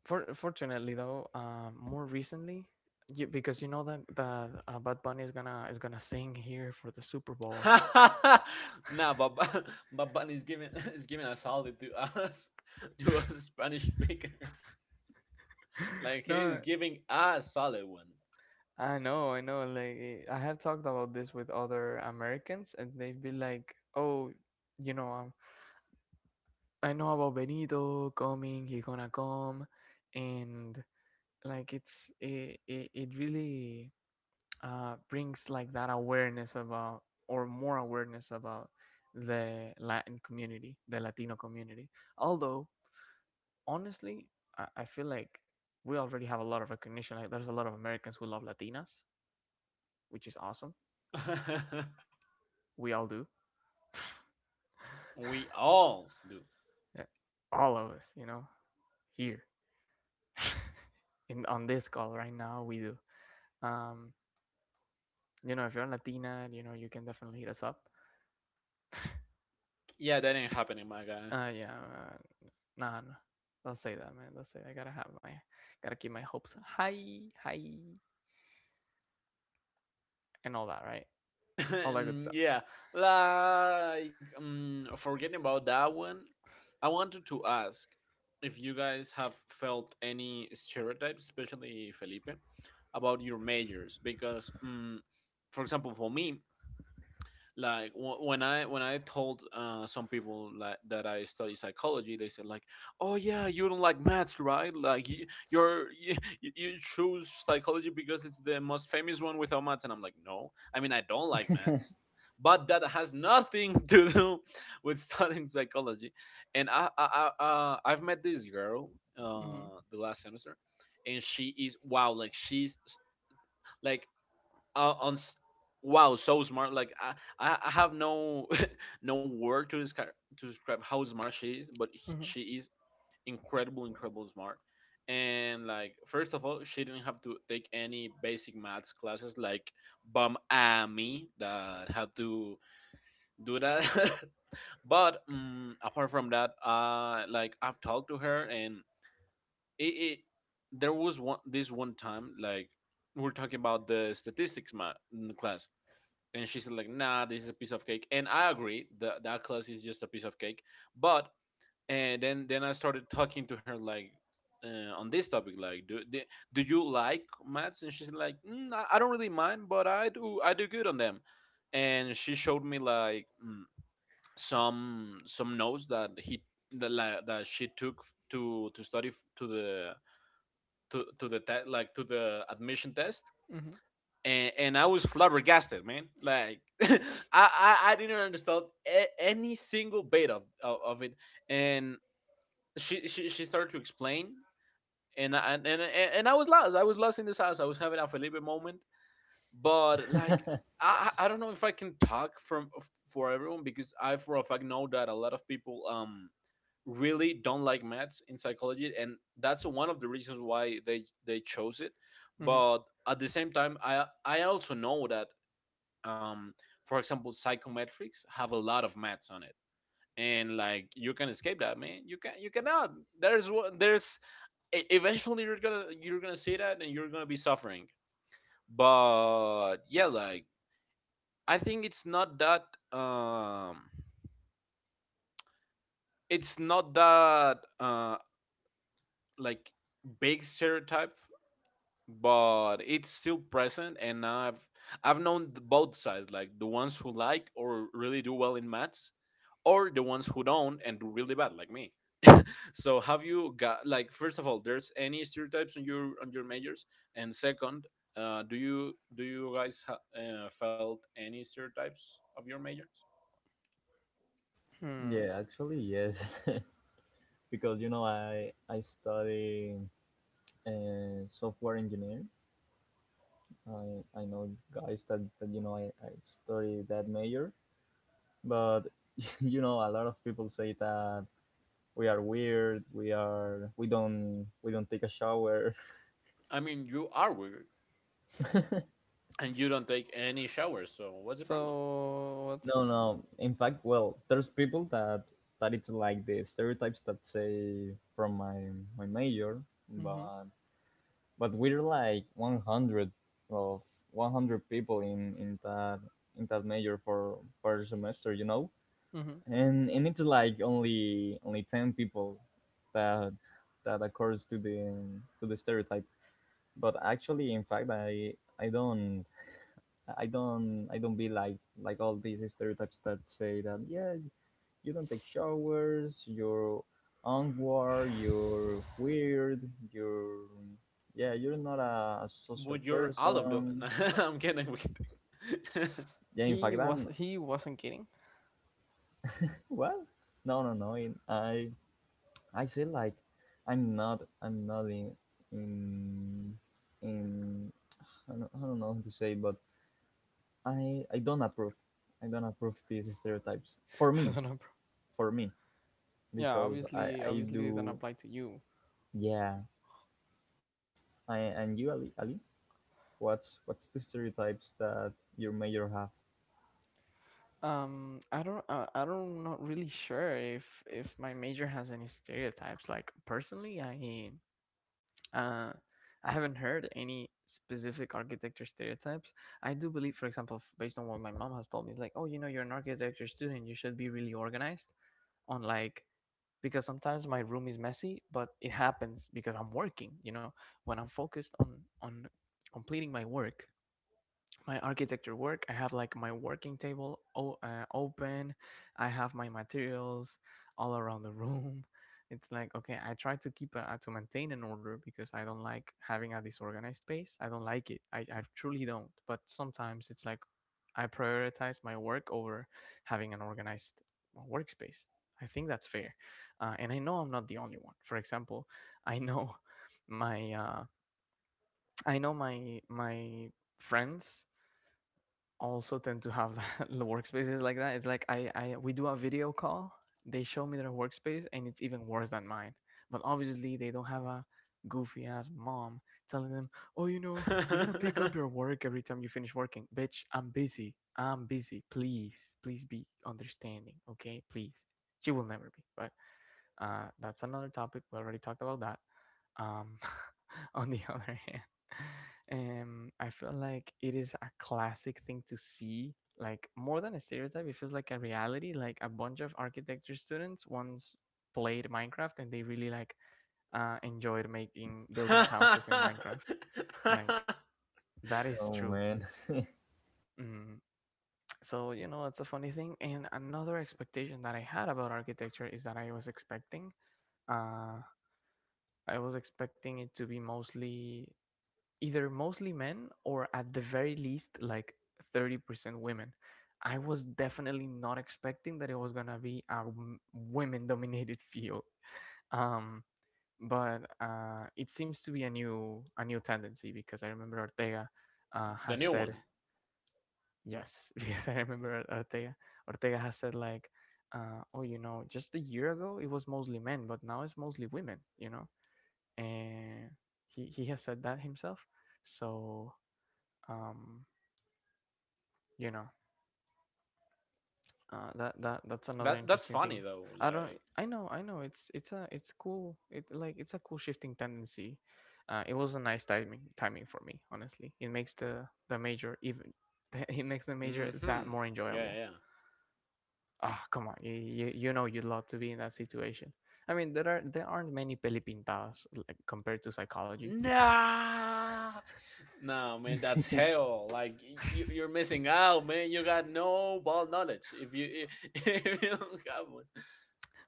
[SPEAKER 1] Fortunately, though, more recently, because you know that Bad Bunny is gonna sing here for the Super Bowl.
[SPEAKER 2] Nah, Baba, Baban is giving is giving a solid to us, to us Spanish speaker. Like he
[SPEAKER 1] No,
[SPEAKER 2] is giving a solid one.
[SPEAKER 1] I know, I know. Like, eh, I have talked about this with other Americans, and they've been like, "Oh, you know, I know about Benito coming. He gonna come," and like it really brings like that awareness about or more awareness about the Latin community, the Latino community. Although honestly, I feel like we already have a lot of recognition. Like there's a lot of Americans who love Latinas, which is awesome. We all do.
[SPEAKER 2] We all do.
[SPEAKER 1] Yeah, all of us, you know, here in on this call right now, we do. Um, you know, if you're a Latina, you know, you can definitely hit us up.
[SPEAKER 2] Yeah, that ain't happening, my guy.
[SPEAKER 1] Yeah, nah, nah. Don't say that, man. Don't say. I gotta have my, gotta keep my hopes high, high, and all that, right? All that good
[SPEAKER 2] Mm,
[SPEAKER 1] stuff.
[SPEAKER 2] yeah, like forgetting about that one, I wanted to ask if you guys have felt any stereotypes, especially Felipe, about your majors, because for example, for me, like when I told some people like that I study psychology, they said like, "Oh yeah, you don't like maths, right? Like you you choose psychology because it's the most famous one without maths." And I'm like, "No, I mean, I don't like maths, but that has nothing to do with studying psychology." And I've met this girl
[SPEAKER 1] Mm-hmm.
[SPEAKER 2] the last semester. And she is, wow, like she's like, uh, on s- wow, so smart. Like I have no no word to describe, how smart she is. But
[SPEAKER 1] Mm-hmm.
[SPEAKER 2] she is incredible, incredible smart. And like, first of all, she didn't have to take any basic maths classes, like, bum, me that had to do that. But apart from that, like I've talked to her, and it there was one this one time, like we're talking about the statistics in the class. And she said like, "Nah, this is a piece of cake." And I agree that that class is just a piece of cake. But and then I started talking to her like, on this topic, like, do you like maths? And she's like, "Mm, I don't really mind, but I do good on them." And she showed me like, mm, some notes that he, that, like, that she took to study to the, to the like to the admission test.
[SPEAKER 1] Mm-hmm.
[SPEAKER 2] And I was flabbergasted, man. Like, I didn't understand any single bit of, of it. And she started to explain, and I was lost. I was lost in this house. I was having a Felipe moment, but like. I don't know if I can talk from for everyone, because I for a fact know that a lot of people really don't like maths in psychology, and that's one of the reasons why they chose it.
[SPEAKER 1] Mm-hmm.
[SPEAKER 2] But at the same time, I also know that, um, for example, psychometrics have a lot of maths on it. And like, you can escape that, man. You can, you cannot. There's what, there's, eventually you're gonna, you're gonna see that, and you're gonna be suffering. But yeah, like, I think um, it's not that like, big stereotype, but it's still present. And I've known both sides, like the ones who like or really do well in maths, or the ones who don't and do really bad like me. So have you got, like, first of all, there's any stereotypes on your, on your majors? And second, do you, do you guys felt any stereotypes of your majors?
[SPEAKER 1] Hmm.
[SPEAKER 3] yeah, actually yes. Because you know I study software engineer. I know guys that, that, you know, I study that major, but you know a lot of people say that we are weird, we are, we don't take a shower.
[SPEAKER 2] I mean, you are weird and you don't take any showers, so what's the problem?
[SPEAKER 1] So what's?
[SPEAKER 3] No, no, in fact, well, there's people that it's like the stereotypes that say from my my major,
[SPEAKER 1] Mm-hmm.
[SPEAKER 3] but we're like 100 of 100 people in that in that major for per semester, you know,
[SPEAKER 1] Mm-hmm.
[SPEAKER 3] and it's like only 10 people that that accords to the stereotype. But actually, in fact, I don't I don't be like all these stereotypes that say that, yeah, you don't take showers, you're unwar, you're weird, you're, yeah, you're not a, a social
[SPEAKER 2] But you're all of the
[SPEAKER 3] person.
[SPEAKER 2] I'm kidding, I'm
[SPEAKER 3] Yeah, in
[SPEAKER 1] He
[SPEAKER 3] fact,
[SPEAKER 1] was.
[SPEAKER 3] I'm,
[SPEAKER 1] He wasn't kidding.
[SPEAKER 3] well, no no no in, I say like I'm not I'm not in in in I don't know how to say, but I don't approve. I don't approve these stereotypes. For
[SPEAKER 1] I
[SPEAKER 3] me,
[SPEAKER 1] don't know, bro.
[SPEAKER 3] for me,
[SPEAKER 1] Yeah,
[SPEAKER 3] because
[SPEAKER 1] obviously,
[SPEAKER 3] I
[SPEAKER 1] obviously, it didn't
[SPEAKER 3] do.
[SPEAKER 1] apply to you.
[SPEAKER 3] Yeah. I, and you, Ali. Ali, what's the stereotypes that your major have?
[SPEAKER 1] I don't. Not really sure if my major has any stereotypes. Like personally, Uh, I haven't heard any specific architecture stereotypes. I do believe, for example, based on what my mom has told me, is like, oh, you know, you're an architecture student, you should be really organized on like because sometimes my room is messy, but it happens because I'm working. You know, when I'm focused on completing my work, my architecture work. I have like my working table open. I have my materials all around the room. It's like, okay, I try to keep a, to maintain an order because I don't like having a disorganized space. I don't like it. I truly don't. But sometimes it's like I prioritize my work over having an organized workspace. I think that's fair, and I know I'm not the only one. For example, I know my I know my friends also tend to have the workspaces like that. It's like I we do a video call, they show me their workspace and it's even worse than mine. But obviously they don't have a goofy ass mom telling them, oh, you know, you gotta pick
[SPEAKER 2] kidding.
[SPEAKER 1] up your work every time you finish working. Bitch, I'm busy. I'm busy. Please, please be understanding, okay? Please. She will never be. But that's another topic. We already talked about that. Um, on the other hand, I feel like it is a classic thing to see, like more than a stereotype. It feels like a reality. Like a bunch of architecture students once played Minecraft and they really like enjoyed making building houses in
[SPEAKER 2] The
[SPEAKER 1] Minecraft. Like that is
[SPEAKER 3] Oh
[SPEAKER 1] true.
[SPEAKER 3] man.
[SPEAKER 1] Mm. So you know it's a funny thing. And another expectation that I had about architecture is that I was expecting uh, it to be mostly either mostly men or at the very least like 30% women. I was definitely not expecting that it was gonna be a women dominated field. Um, but it seems to be a new tendency because I remember Ortega has
[SPEAKER 2] new
[SPEAKER 1] said
[SPEAKER 2] one.
[SPEAKER 1] yes because I remember Ortega has said like oh you know just a year ago it was mostly men but now it's mostly women, you know. And he has said that himself, so um, you know, that that's another
[SPEAKER 2] That's
[SPEAKER 1] interesting
[SPEAKER 2] funny
[SPEAKER 1] thing.
[SPEAKER 2] though.
[SPEAKER 1] I don't,
[SPEAKER 2] Like,
[SPEAKER 1] I know, I know it's a, it's cool. It like it's a cool shifting tendency. It was a nice timing for me honestly. It makes the major even it makes the major
[SPEAKER 2] mm-hmm.
[SPEAKER 1] that more
[SPEAKER 2] Yeah, yeah,
[SPEAKER 1] enjoyable.
[SPEAKER 2] yeah.
[SPEAKER 1] Ah, come on, you you know you'd love to be in that situation. I mean there aren't many pelipintas like compared to psychology.
[SPEAKER 2] Nah, nah, man, that's hell. Like, you're missing out, man. You got no ball knowledge if you if, if you don't have one.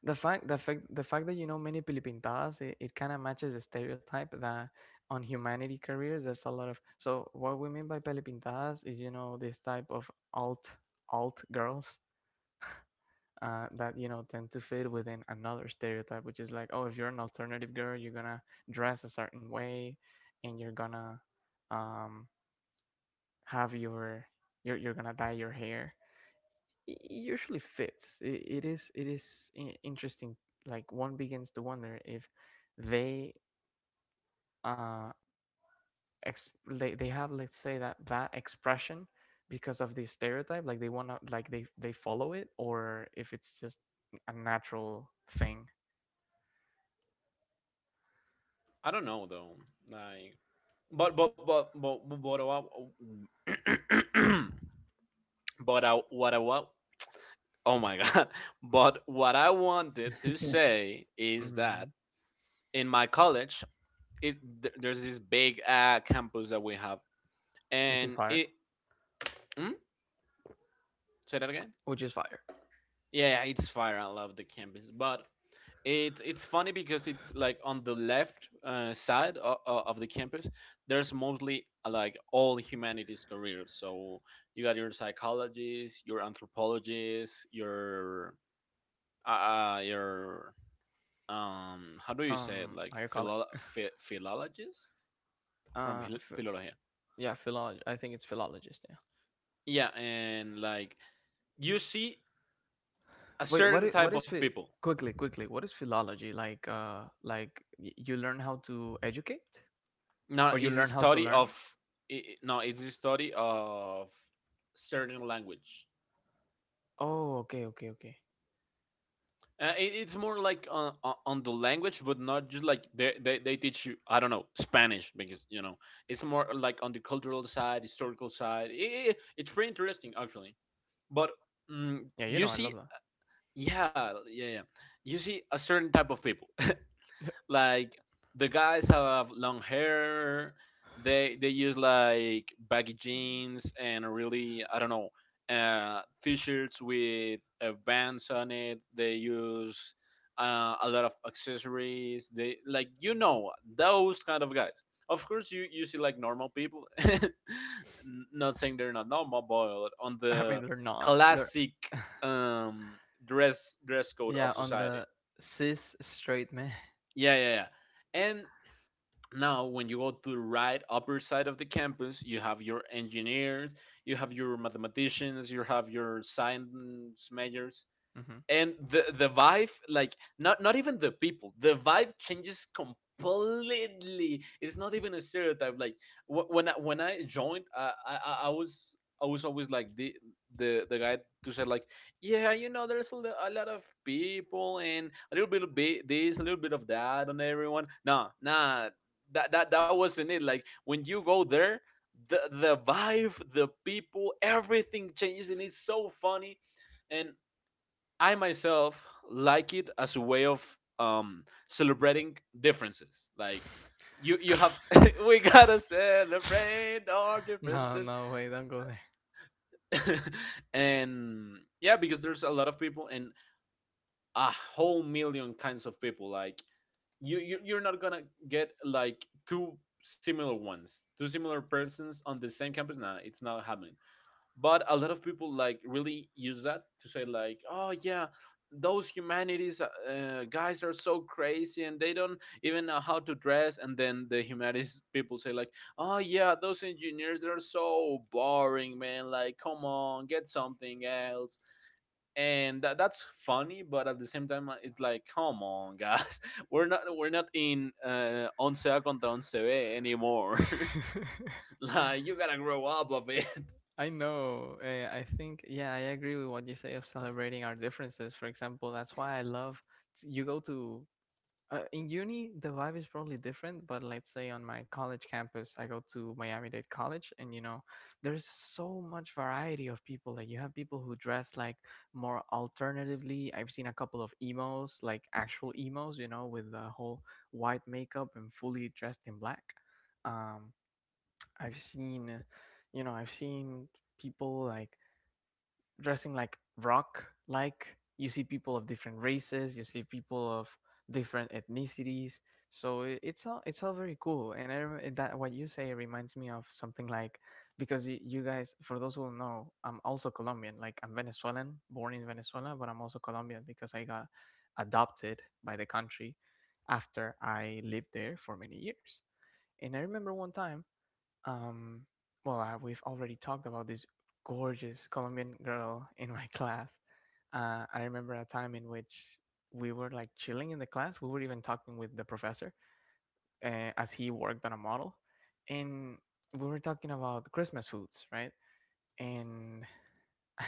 [SPEAKER 1] The fact that you know many Pilipintadas, it kind of matches the stereotype that on humanity careers there's a lot of. So what we mean by Pilipintadas is you know this type of alt girls that you know tend to fit within another stereotype, which is like, oh, if you're an alternative girl, you're gonna dress a certain way, and you're gonna um have your you're gonna dye your hair. It usually fits. It is interesting. Like one begins to wonder if they uh they have, let's say, that expression because of this stereotype. Like they wanna, like they follow it, or if it's just a natural thing.
[SPEAKER 2] I don't know though. Like, but what I- but I, what I want. Oh my god! But what I wanted to say is
[SPEAKER 1] Mm.
[SPEAKER 2] that in my college, it there's this big campus that we have,
[SPEAKER 1] Which is
[SPEAKER 2] and
[SPEAKER 1] fire.
[SPEAKER 2] it hmm? Say that again.
[SPEAKER 1] Which is fire.
[SPEAKER 2] Yeah, yeah, it's fire. I love the campus, but it's funny because it's like on the left side of the campus. There's mostly like all humanities careers. So you got your psychologists, your anthropologists, your your, um, how do you say it, like
[SPEAKER 1] How you call it?
[SPEAKER 2] philologists, from
[SPEAKER 1] Uh, ph-
[SPEAKER 2] philology.
[SPEAKER 1] yeah, philolog. I think it's philologist. Yeah.
[SPEAKER 2] Yeah. And like, you see a
[SPEAKER 1] Wait,
[SPEAKER 2] certain
[SPEAKER 1] what
[SPEAKER 2] type
[SPEAKER 1] is
[SPEAKER 2] of people.
[SPEAKER 1] quickly quickly what is philology like? Like you learn how to educate, or
[SPEAKER 2] Now,
[SPEAKER 1] you
[SPEAKER 2] is the
[SPEAKER 1] learn how to
[SPEAKER 2] study
[SPEAKER 1] learn?
[SPEAKER 2] of, no, it's the study of certain language.
[SPEAKER 1] Oh, okay, okay, okay.
[SPEAKER 2] It, it's more like on, on the language, but not just like they, they teach you, I don't know, Spanish, because you know, it's more like on the cultural side, historical side. It's pretty interesting actually. But mm,
[SPEAKER 1] Yeah, you
[SPEAKER 2] you
[SPEAKER 1] know I love
[SPEAKER 2] see,
[SPEAKER 1] that.
[SPEAKER 2] yeah, yeah, yeah, you see a certain type of people. Like, the guys have long hair. They use like baggy jeans and really, I don't know, t-shirts with bands on it. They use a lot of accessories. They, like, you know, those kind of guys. Of course, you see like normal people. Not saying they're not normal, but on
[SPEAKER 1] I
[SPEAKER 2] the
[SPEAKER 1] mean, they're not. They're
[SPEAKER 2] classic, um, dress code
[SPEAKER 1] yeah,
[SPEAKER 2] of
[SPEAKER 1] on
[SPEAKER 2] society.
[SPEAKER 1] the cis straight man.
[SPEAKER 2] Yeah, yeah, yeah. And now when you go to the right upper side of the campus, you have your engineers, you have your mathematicians, you have your science majors.
[SPEAKER 1] hmm.
[SPEAKER 2] And the vibe, like, not even the people, the vibe changes completely. It's not even a stereotype. Like, when I joined, I was, I was always like the guy to say like, "Yeah, you know, there's a, a lot of people and a little bit of this, a little bit of that on everyone." Nah, nah, that wasn't it. Like, when you go there, the vibe, the people, everything changes, and it's so funny. And I myself like it as a way of, um, celebrating differences. Like, you have we gotta celebrate our
[SPEAKER 1] No,
[SPEAKER 2] differences.
[SPEAKER 1] no, wait, don't go there.
[SPEAKER 2] And yeah, because there's a lot of people and a whole million kinds of people. Like, you you're not gonna get like two similar ones, two similar persons on the same campus. Nah, it's not happening. But a lot of people, like, really use that to say like, "Oh yeah, those humanities guys are so crazy and they don't even know how to dress." And then the humanities people say like, "Oh yeah, those engineers, they're so boring, man. Like, come on, get something else." And that's funny, but at the same time, it's like, come on, guys, we're not, we're not in once A contra once B anymore. Like, you gotta grow up a bit.
[SPEAKER 1] I know. I think, yeah, I agree with what you say of celebrating our differences. For example, that's why I love you go to in uni, the vibe is probably different, but let's say on my college campus, I go to Miami-Dade College, and you know, there's so much variety of people. Like, you have people who dress like more alternatively. I've seen a couple of emos, like actual emos, you know, with the whole white makeup and fully dressed in black. Um, I've seen, you know, I've seen people like dressing like rock. Like you see people of different races, you see people of different ethnicities. So it's all, it's all very cool. And that what you say reminds me of something. Like, because you guys, for those who don't know, I'm also Colombian. Like, I'm Venezuelan, born in Venezuela, but I'm also Colombian because I got adopted by the country after I lived there for many years. And I remember one time, um, well, we've already talked about this gorgeous Colombian girl in my class. I remember a time in which we were like chilling in the class. We were even talking with the professor, as he worked on a model, and we were talking about Christmas foods, right? And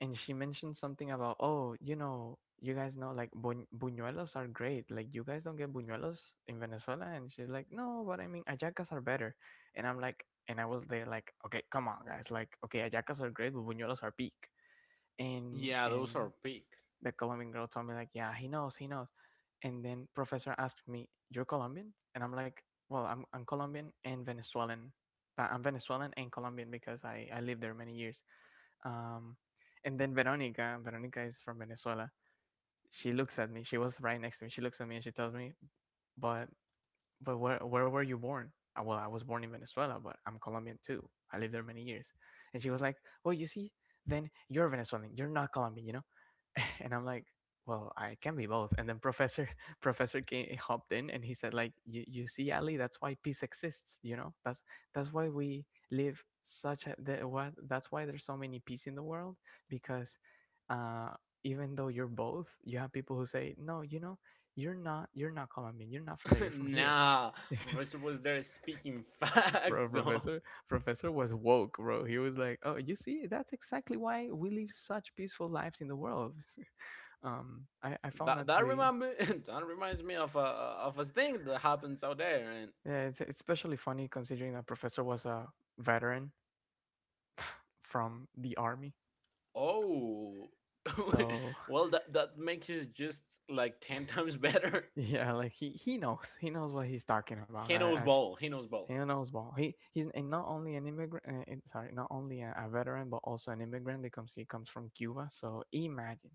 [SPEAKER 1] and she mentioned something about, oh, you know, you guys know, like, buñuelos are great, like, you guys don't get buñuelos in Venezuela. And she's like, no, but I mean, ayacas are better. And I'm like, and I was there like, okay, come on guys, like, okay, ayacas are great, but buñuelos are peak. and
[SPEAKER 2] Yeah, those are
[SPEAKER 1] and
[SPEAKER 2] big.
[SPEAKER 1] the Colombian girl told me like, yeah, he knows, he knows. And then professor asked me, you're Colombian? And I'm like, I'm Colombian and Venezuelan. I'm Venezuelan and Colombian because I lived there many years. um, and then Veronica, Veronica is from Venezuela. She looks at me. She was right next to me. She looks at me and she tells me, "But where were you born?" Uh, well, I was born in Venezuela, but I'm Colombian too. I lived there many years. And she was like, well, you see, then you're Venezuelan. You're not Colombian, you know? And I'm like, well, I can be both. And then Professor Professor came, hopped in and he said, like, you see, Ali, that's why peace exists, you know? That's why we live such a the, what, that's why there's so many peace in the world, because uh even though you're both, you have people who say, no, you know, you're not, you're not Colombian, you're not from there, you're from here.
[SPEAKER 2] Nah, professor was there speaking
[SPEAKER 1] bro,
[SPEAKER 2] facts though.
[SPEAKER 1] professor, professor was woke, bro. He was like, oh, you see, that's exactly why we live such peaceful lives in the world. I found
[SPEAKER 2] That
[SPEAKER 1] that to
[SPEAKER 2] that
[SPEAKER 1] be
[SPEAKER 2] remind me That reminds me of a thing that happens out there, and
[SPEAKER 1] yeah, it's especially funny considering that professor was a veteran from the army.
[SPEAKER 2] oh.
[SPEAKER 1] So
[SPEAKER 2] Well, that makes it just like 10 times better.
[SPEAKER 1] yeah, like he knows, he knows what he's talking about.
[SPEAKER 2] He knows ball, he knows
[SPEAKER 1] He
[SPEAKER 2] ball.
[SPEAKER 1] knows ball. He he's, and not only an immigrant, sorry, not only a veteran, but also an immigrant because he comes from Cuba. So imagine,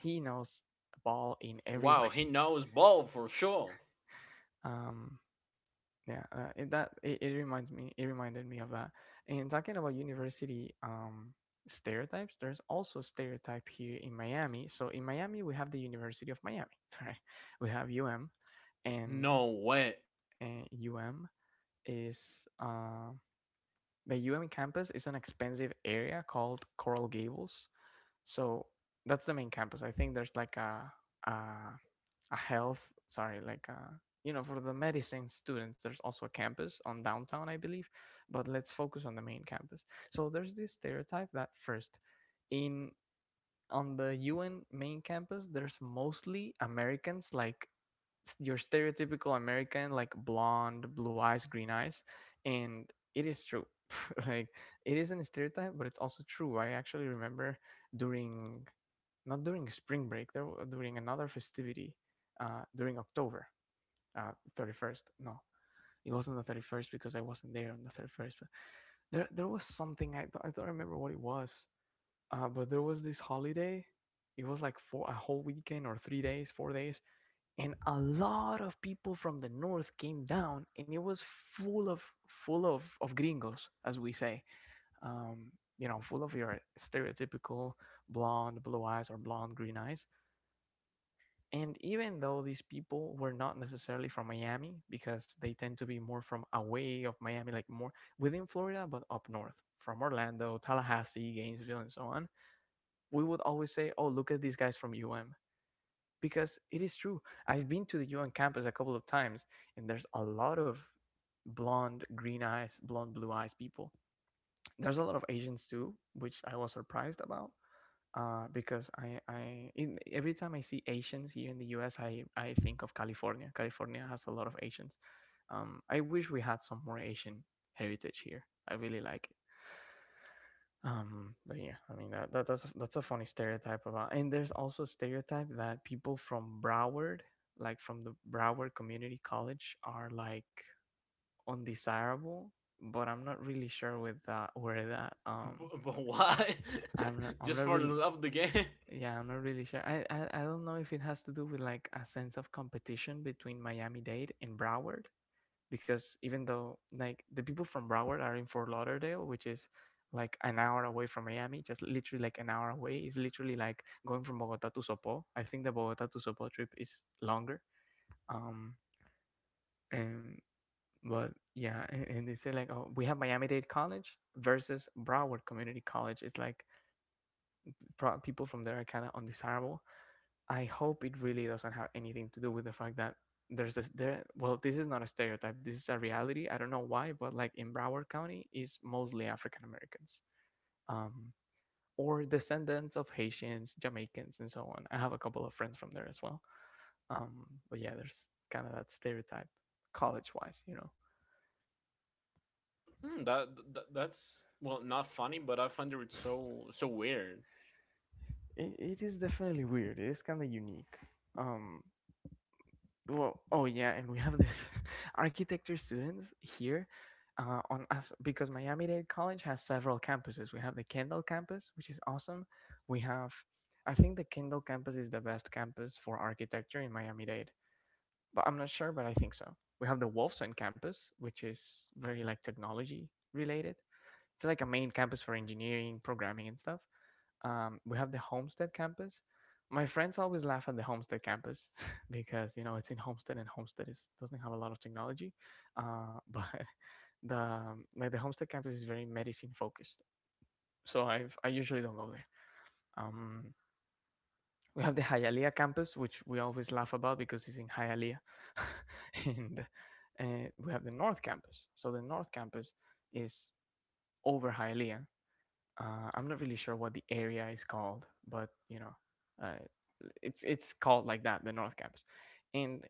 [SPEAKER 1] he knows ball in every way.
[SPEAKER 2] Wow, he knows ball for sure.
[SPEAKER 1] um yeah, that it reminds me, it reminded me of that. And talking about university stereotypes, there's also stereotype here in Miami. So in Miami we have the University of Miami, right? We have, and
[SPEAKER 2] No way.
[SPEAKER 1] uh, um is the campus is an expensive area called Coral Gables. So that's the main campus. I think there's like uh a health, sorry, like you know, for the medicine students, there's also a campus on downtown, I believe. But let's focus on the main campus. So there's this stereotype that, first, in on the UN main campus there's mostly Americans, like your stereotypical American, like blonde blue eyes, green eyes. And it is true. like, it isn't a stereotype, but it's also true. I actually remember during, not during spring break, during another festivity, during October uh, 31st. No, it wasn't the 31st, because I wasn't there on the 31st. But there was something, I don't remember what it was, but there was this holiday. It was like for a whole weekend, or 3 days, 4 days, and a lot of people from the north came down, and it was full of gringos, as we say, um, you know, full of your stereotypical blonde, blue eyes, or blonde, green eyes. And even though these people were not necessarily from Miami, because they tend to be more from away of Miami, like more within Florida, but up north, from Orlando, Tallahassee, Gainesville, and so on, we would always say, oh, look at these guys from UM. Because it is true. I've been to the UM campus a couple of times, and there's a lot of blonde, green eyes, blonde, blue eyes people. There's a lot of Asians too, which I was surprised about, because every time I see Asians here in the U.S., I think of California. California has a lot of Asians. I wish we had some more Asian heritage here. I really like it. But yeah, I mean that's a funny stereotype about. And there's also a stereotype that people from Broward, like from the Broward Community College, are like undesirable. But I'm not really sure with that, where that
[SPEAKER 2] B- but why?
[SPEAKER 1] I'm
[SPEAKER 2] Just
[SPEAKER 1] not
[SPEAKER 2] for the
[SPEAKER 1] really,
[SPEAKER 2] love of the game.
[SPEAKER 1] yeah, I'm not really sure. I don't know if it has to do with like a sense of competition between Miami-Dade and Broward, because even though like the people from Broward are in Fort Lauderdale, which is like an hour away from Miami, just literally like an hour away, is literally like going from Bogota to Sopó. I think the Bogota to Sopó trip is longer. Um, and but yeah, and they say like, oh, we have Miami-Dade College versus Broward Community College. It's like people from there are kind of undesirable. I hope it really doesn't have anything to do with the fact that there's this there, well, this is not a stereotype, this is a reality. I don't know why, but like in Broward County is mostly African Americans, um or descendants of Haitians, Jamaicans, and so on. I have a couple of friends from there as well. But yeah, there's kind of that stereotype, college wise you know.
[SPEAKER 2] Hmm, that that's well not funny, but I find it so so weird.
[SPEAKER 1] It is definitely weird. It is kind of unique. um Well, oh yeah, and we have this architecture students here on us, because Miami-Dade College has several campuses. We have the Kendall campus, which is awesome. We have, I think the Kendall campus is the best campus for architecture in Miami-Dade, but I'm not sure, but I think so. We have the Wolfson campus, which is very like technology related. It's like a main campus for engineering, programming, and stuff. We have the Homestead campus. My friends always laugh at the Homestead campus because you know it's in Homestead, and Homestead is, doesn't have a lot of technology, but the like the Homestead campus is very medicine focused. So I usually don't go there. Um, we have the Hialeah campus, which we always laugh about because it's in Hialeah, and we have the North campus. So the North campus is over Hialeah, I'm not really sure what the area is called, but you know, uh, it's called like that, the North Campus. And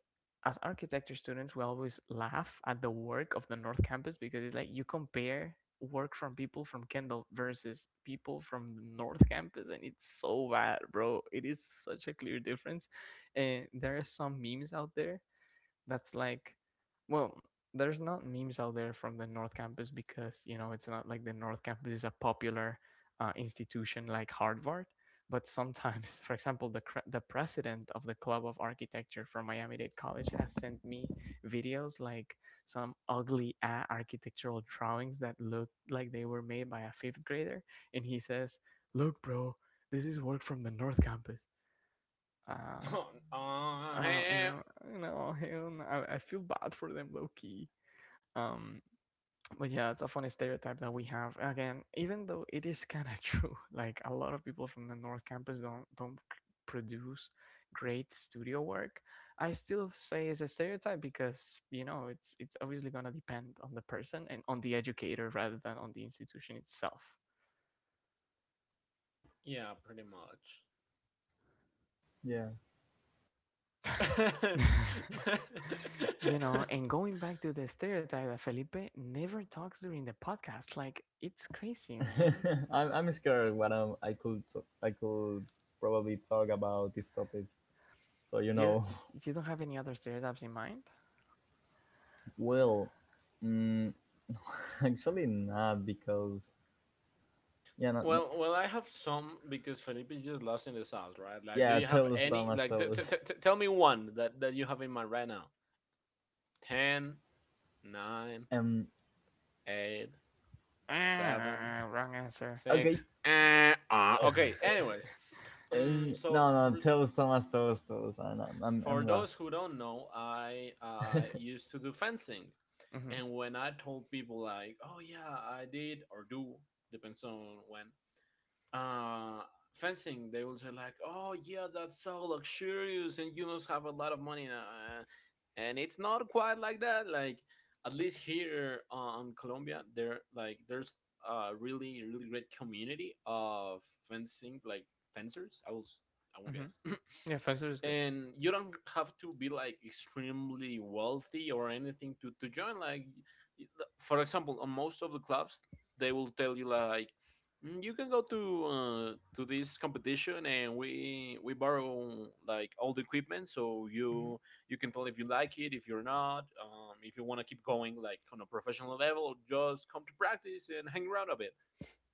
[SPEAKER 1] as architecture students, we always laugh at the work of the North Campus, because it's like, you compare work from people from Kendall versus people from the North Campus, and it's so bad, bro. It is such a clear difference, and there are some memes out there that's like, well, there's not memes out there from the North Campus because you know it's not like the North Campus is a popular institution like Harvard. But sometimes, for example, the president of the club of architecture from Miami-Dade College has sent me videos like some ugly architectural drawings that look like they were made by a fifth grader, and he says, look, bro, this is work from the North Campus. uh, you
[SPEAKER 2] Hey.
[SPEAKER 1] know, you know, hell, no. I feel bad for them, low key. Um, but yeah, it's a funny stereotype that we have. Again, even though it is kind of true, like, a lot of people from the North Campus don't produce great studio work. I still say it's a stereotype, because you know it's obviously gonna depend on the person and on the educator rather than on the institution itself.
[SPEAKER 2] Yeah, pretty much.
[SPEAKER 3] Yeah.
[SPEAKER 1] you know, and going back to the stereotype that Felipe never talks during the podcast, like, it's crazy, man.
[SPEAKER 3] I'm scared what I could t- I could probably talk about this topic. So you
[SPEAKER 1] You
[SPEAKER 3] know.
[SPEAKER 1] you don't have any other stereotypes in mind?
[SPEAKER 3] Well, mm, actually not because yeah, no, no,
[SPEAKER 2] Well, I have some because Felipe is just lost in the sauce, right? Like, do
[SPEAKER 3] yeah,
[SPEAKER 2] you have
[SPEAKER 3] tell us,
[SPEAKER 1] Y-
[SPEAKER 2] any?
[SPEAKER 3] Thomas,
[SPEAKER 2] Like,
[SPEAKER 3] tell us.
[SPEAKER 2] tell me one that you have in mind right now. Ten, nine,
[SPEAKER 3] Um.
[SPEAKER 2] eight, seven,
[SPEAKER 1] Ah, wrong answer.
[SPEAKER 3] Okay.
[SPEAKER 2] six. Eh, okay. Anyways,
[SPEAKER 3] No,
[SPEAKER 2] so
[SPEAKER 3] no, tell us, tell us, tell us, tell us.
[SPEAKER 2] for
[SPEAKER 3] I'm
[SPEAKER 2] those
[SPEAKER 3] lost.
[SPEAKER 2] who don't know, I used to do fencing.
[SPEAKER 1] hmm.
[SPEAKER 2] And when I told people like, "Oh yeah, I did or do," depends on when, uh, fencing, they will say like, "Oh yeah, that's so luxurious and you must have a lot of money." And it's not quite like that. Like, at least here on Colombia, there, like, there's a really really great community of fencing, like fencers. I will
[SPEAKER 1] Hmm.
[SPEAKER 2] guess.
[SPEAKER 1] Yeah, face is good.
[SPEAKER 2] And you don't have to be like extremely wealthy or anything to join. Like, for example, on most of the clubs, they will tell you like, "Mm, you can go to this competition, and we borrow like all the equipment, so
[SPEAKER 1] Hmm.
[SPEAKER 2] you can tell if you like it, if you're not, if you want to keep going, like, on a professional level, or just come to practice and hang around a bit.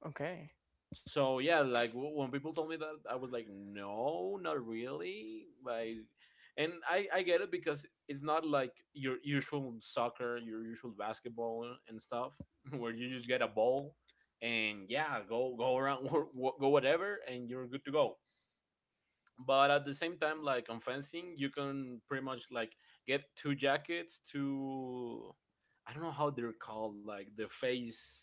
[SPEAKER 1] Okay,
[SPEAKER 2] So yeah, like, when people told me that, I was like, no, not really, like. And I get it, because it's not like your usual soccer, your usual basketball and stuff, where you just get a ball and yeah, go around, go whatever, and you're good to go. But at the same time, like, on fencing you can pretty much like get two jackets, two, I don't know how they're called, like the face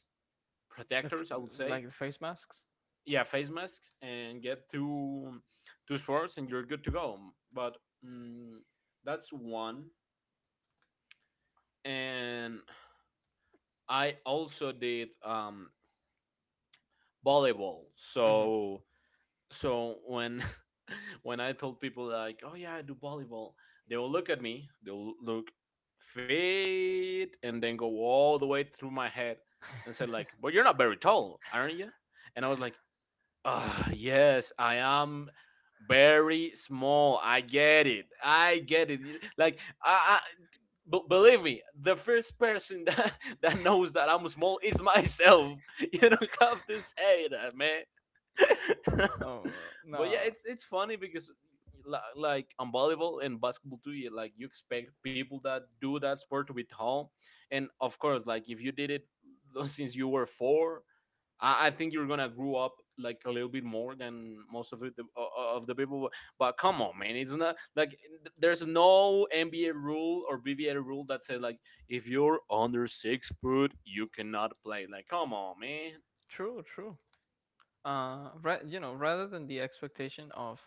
[SPEAKER 1] the f-
[SPEAKER 2] protectors, I would say.
[SPEAKER 1] like the face masks.
[SPEAKER 2] Yeah, face masks. And get two swords and you're good to go. But mm, that's one. And I also did, um, volleyball.
[SPEAKER 1] Hmm.
[SPEAKER 2] So, when when I told people like, "Oh yeah, I do volleyball," they will look at me, they'll look fit, and then go all the way through my head and said like, "But you're not very tall, aren't you?" And I was like, "Ah, yes, I am very small. I get it. I get it. You-" Like, I believe me, the first person that that knows that I'm small is myself. You don't have to say that, man.
[SPEAKER 1] oh
[SPEAKER 2] But yeah,
[SPEAKER 1] no.
[SPEAKER 2] it's funny because, like on volleyball and basketball too, you, like, you expect people that do that sport to be tall. And of course, like, if you did it since you were four, I think you're gonna grow up like a little bit more than most of the people. But come on, man, it's not like there's no NBA rule or BVA rule that says like, if you're under 6 foot, you cannot play. Like, come on, man,
[SPEAKER 1] True, true. You know, rather than the expectation of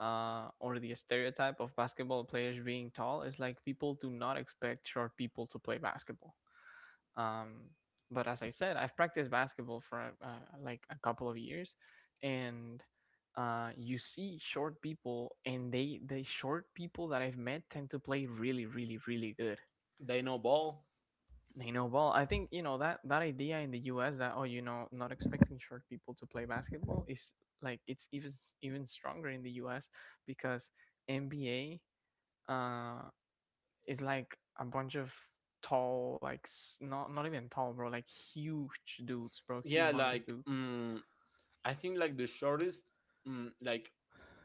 [SPEAKER 1] or the stereotype of basketball players being tall, is like, people do not expect short people to play basketball. Um, but as I said, I've practiced basketball for like a couple of years, and you see short people, and the short people that I've met tend to play really, really, really good.
[SPEAKER 2] they know ball.
[SPEAKER 1] They know ball. I think you know that that idea in the U.S. that, oh, you know, not expecting short people to play basketball is like, it's even even stronger in the U.S. because NBA uh is like a bunch of tall, like not, not even tall, bro, like huge dudes, bro,
[SPEAKER 2] Yeah,
[SPEAKER 1] humongous
[SPEAKER 2] like,
[SPEAKER 1] dudes.
[SPEAKER 2] mm, I think like the shortest, mm, like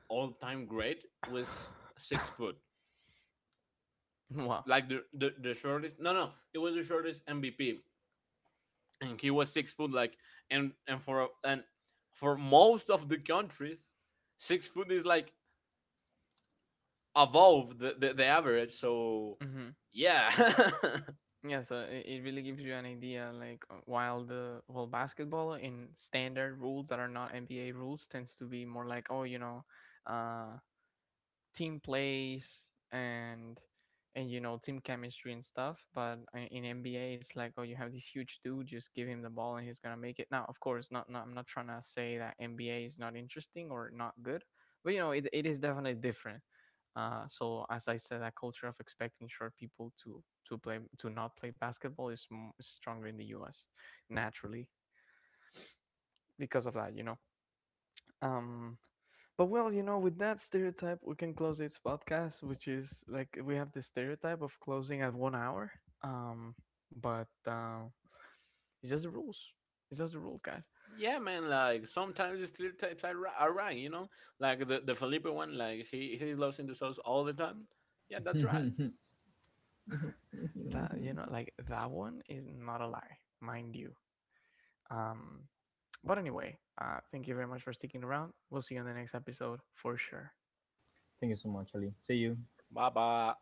[SPEAKER 2] all time great was 6 foot.
[SPEAKER 1] wow.
[SPEAKER 2] Like the shortest. No, no, it was the shortest MVP. And he was 6 foot, like. And and for most of the countries, 6 foot is like above the average, so
[SPEAKER 1] Hmm.
[SPEAKER 2] yeah.
[SPEAKER 1] Yeah, so it really gives you an idea. Like, while the well, basketball in standard rules that are not NBA rules tends to be more like, oh, you know, uh team plays and you know team chemistry and stuff. But in NBA, it's like, oh, you have this huge dude, just give him the ball and he's gonna make it. Now, of course, not I'm not trying to say that NBA is not interesting or not good, but you know it, it is definitely different. So as I said, that culture of expecting short people to play to not play basketball is, is stronger in the U.S. naturally, because of that, you know. Um, but well, you know, with that stereotype, we can close this podcast, which is like, we have the stereotype of closing at 1 hour. Um, but it's just the rules. It's just the rules, guys.
[SPEAKER 2] Yeah, man, like sometimes the stereotypes are, are right, you know. Like the Felipe one, like he's lost in the sauce all the time. Yeah, that's right.
[SPEAKER 3] Thank
[SPEAKER 1] That, you know, like, that one is not a lie, mind you. Um, but anyway, thank you very much for sticking around. We'll see you on the next episode for sure.
[SPEAKER 3] you so much, Ali. See you.
[SPEAKER 2] Bye bye.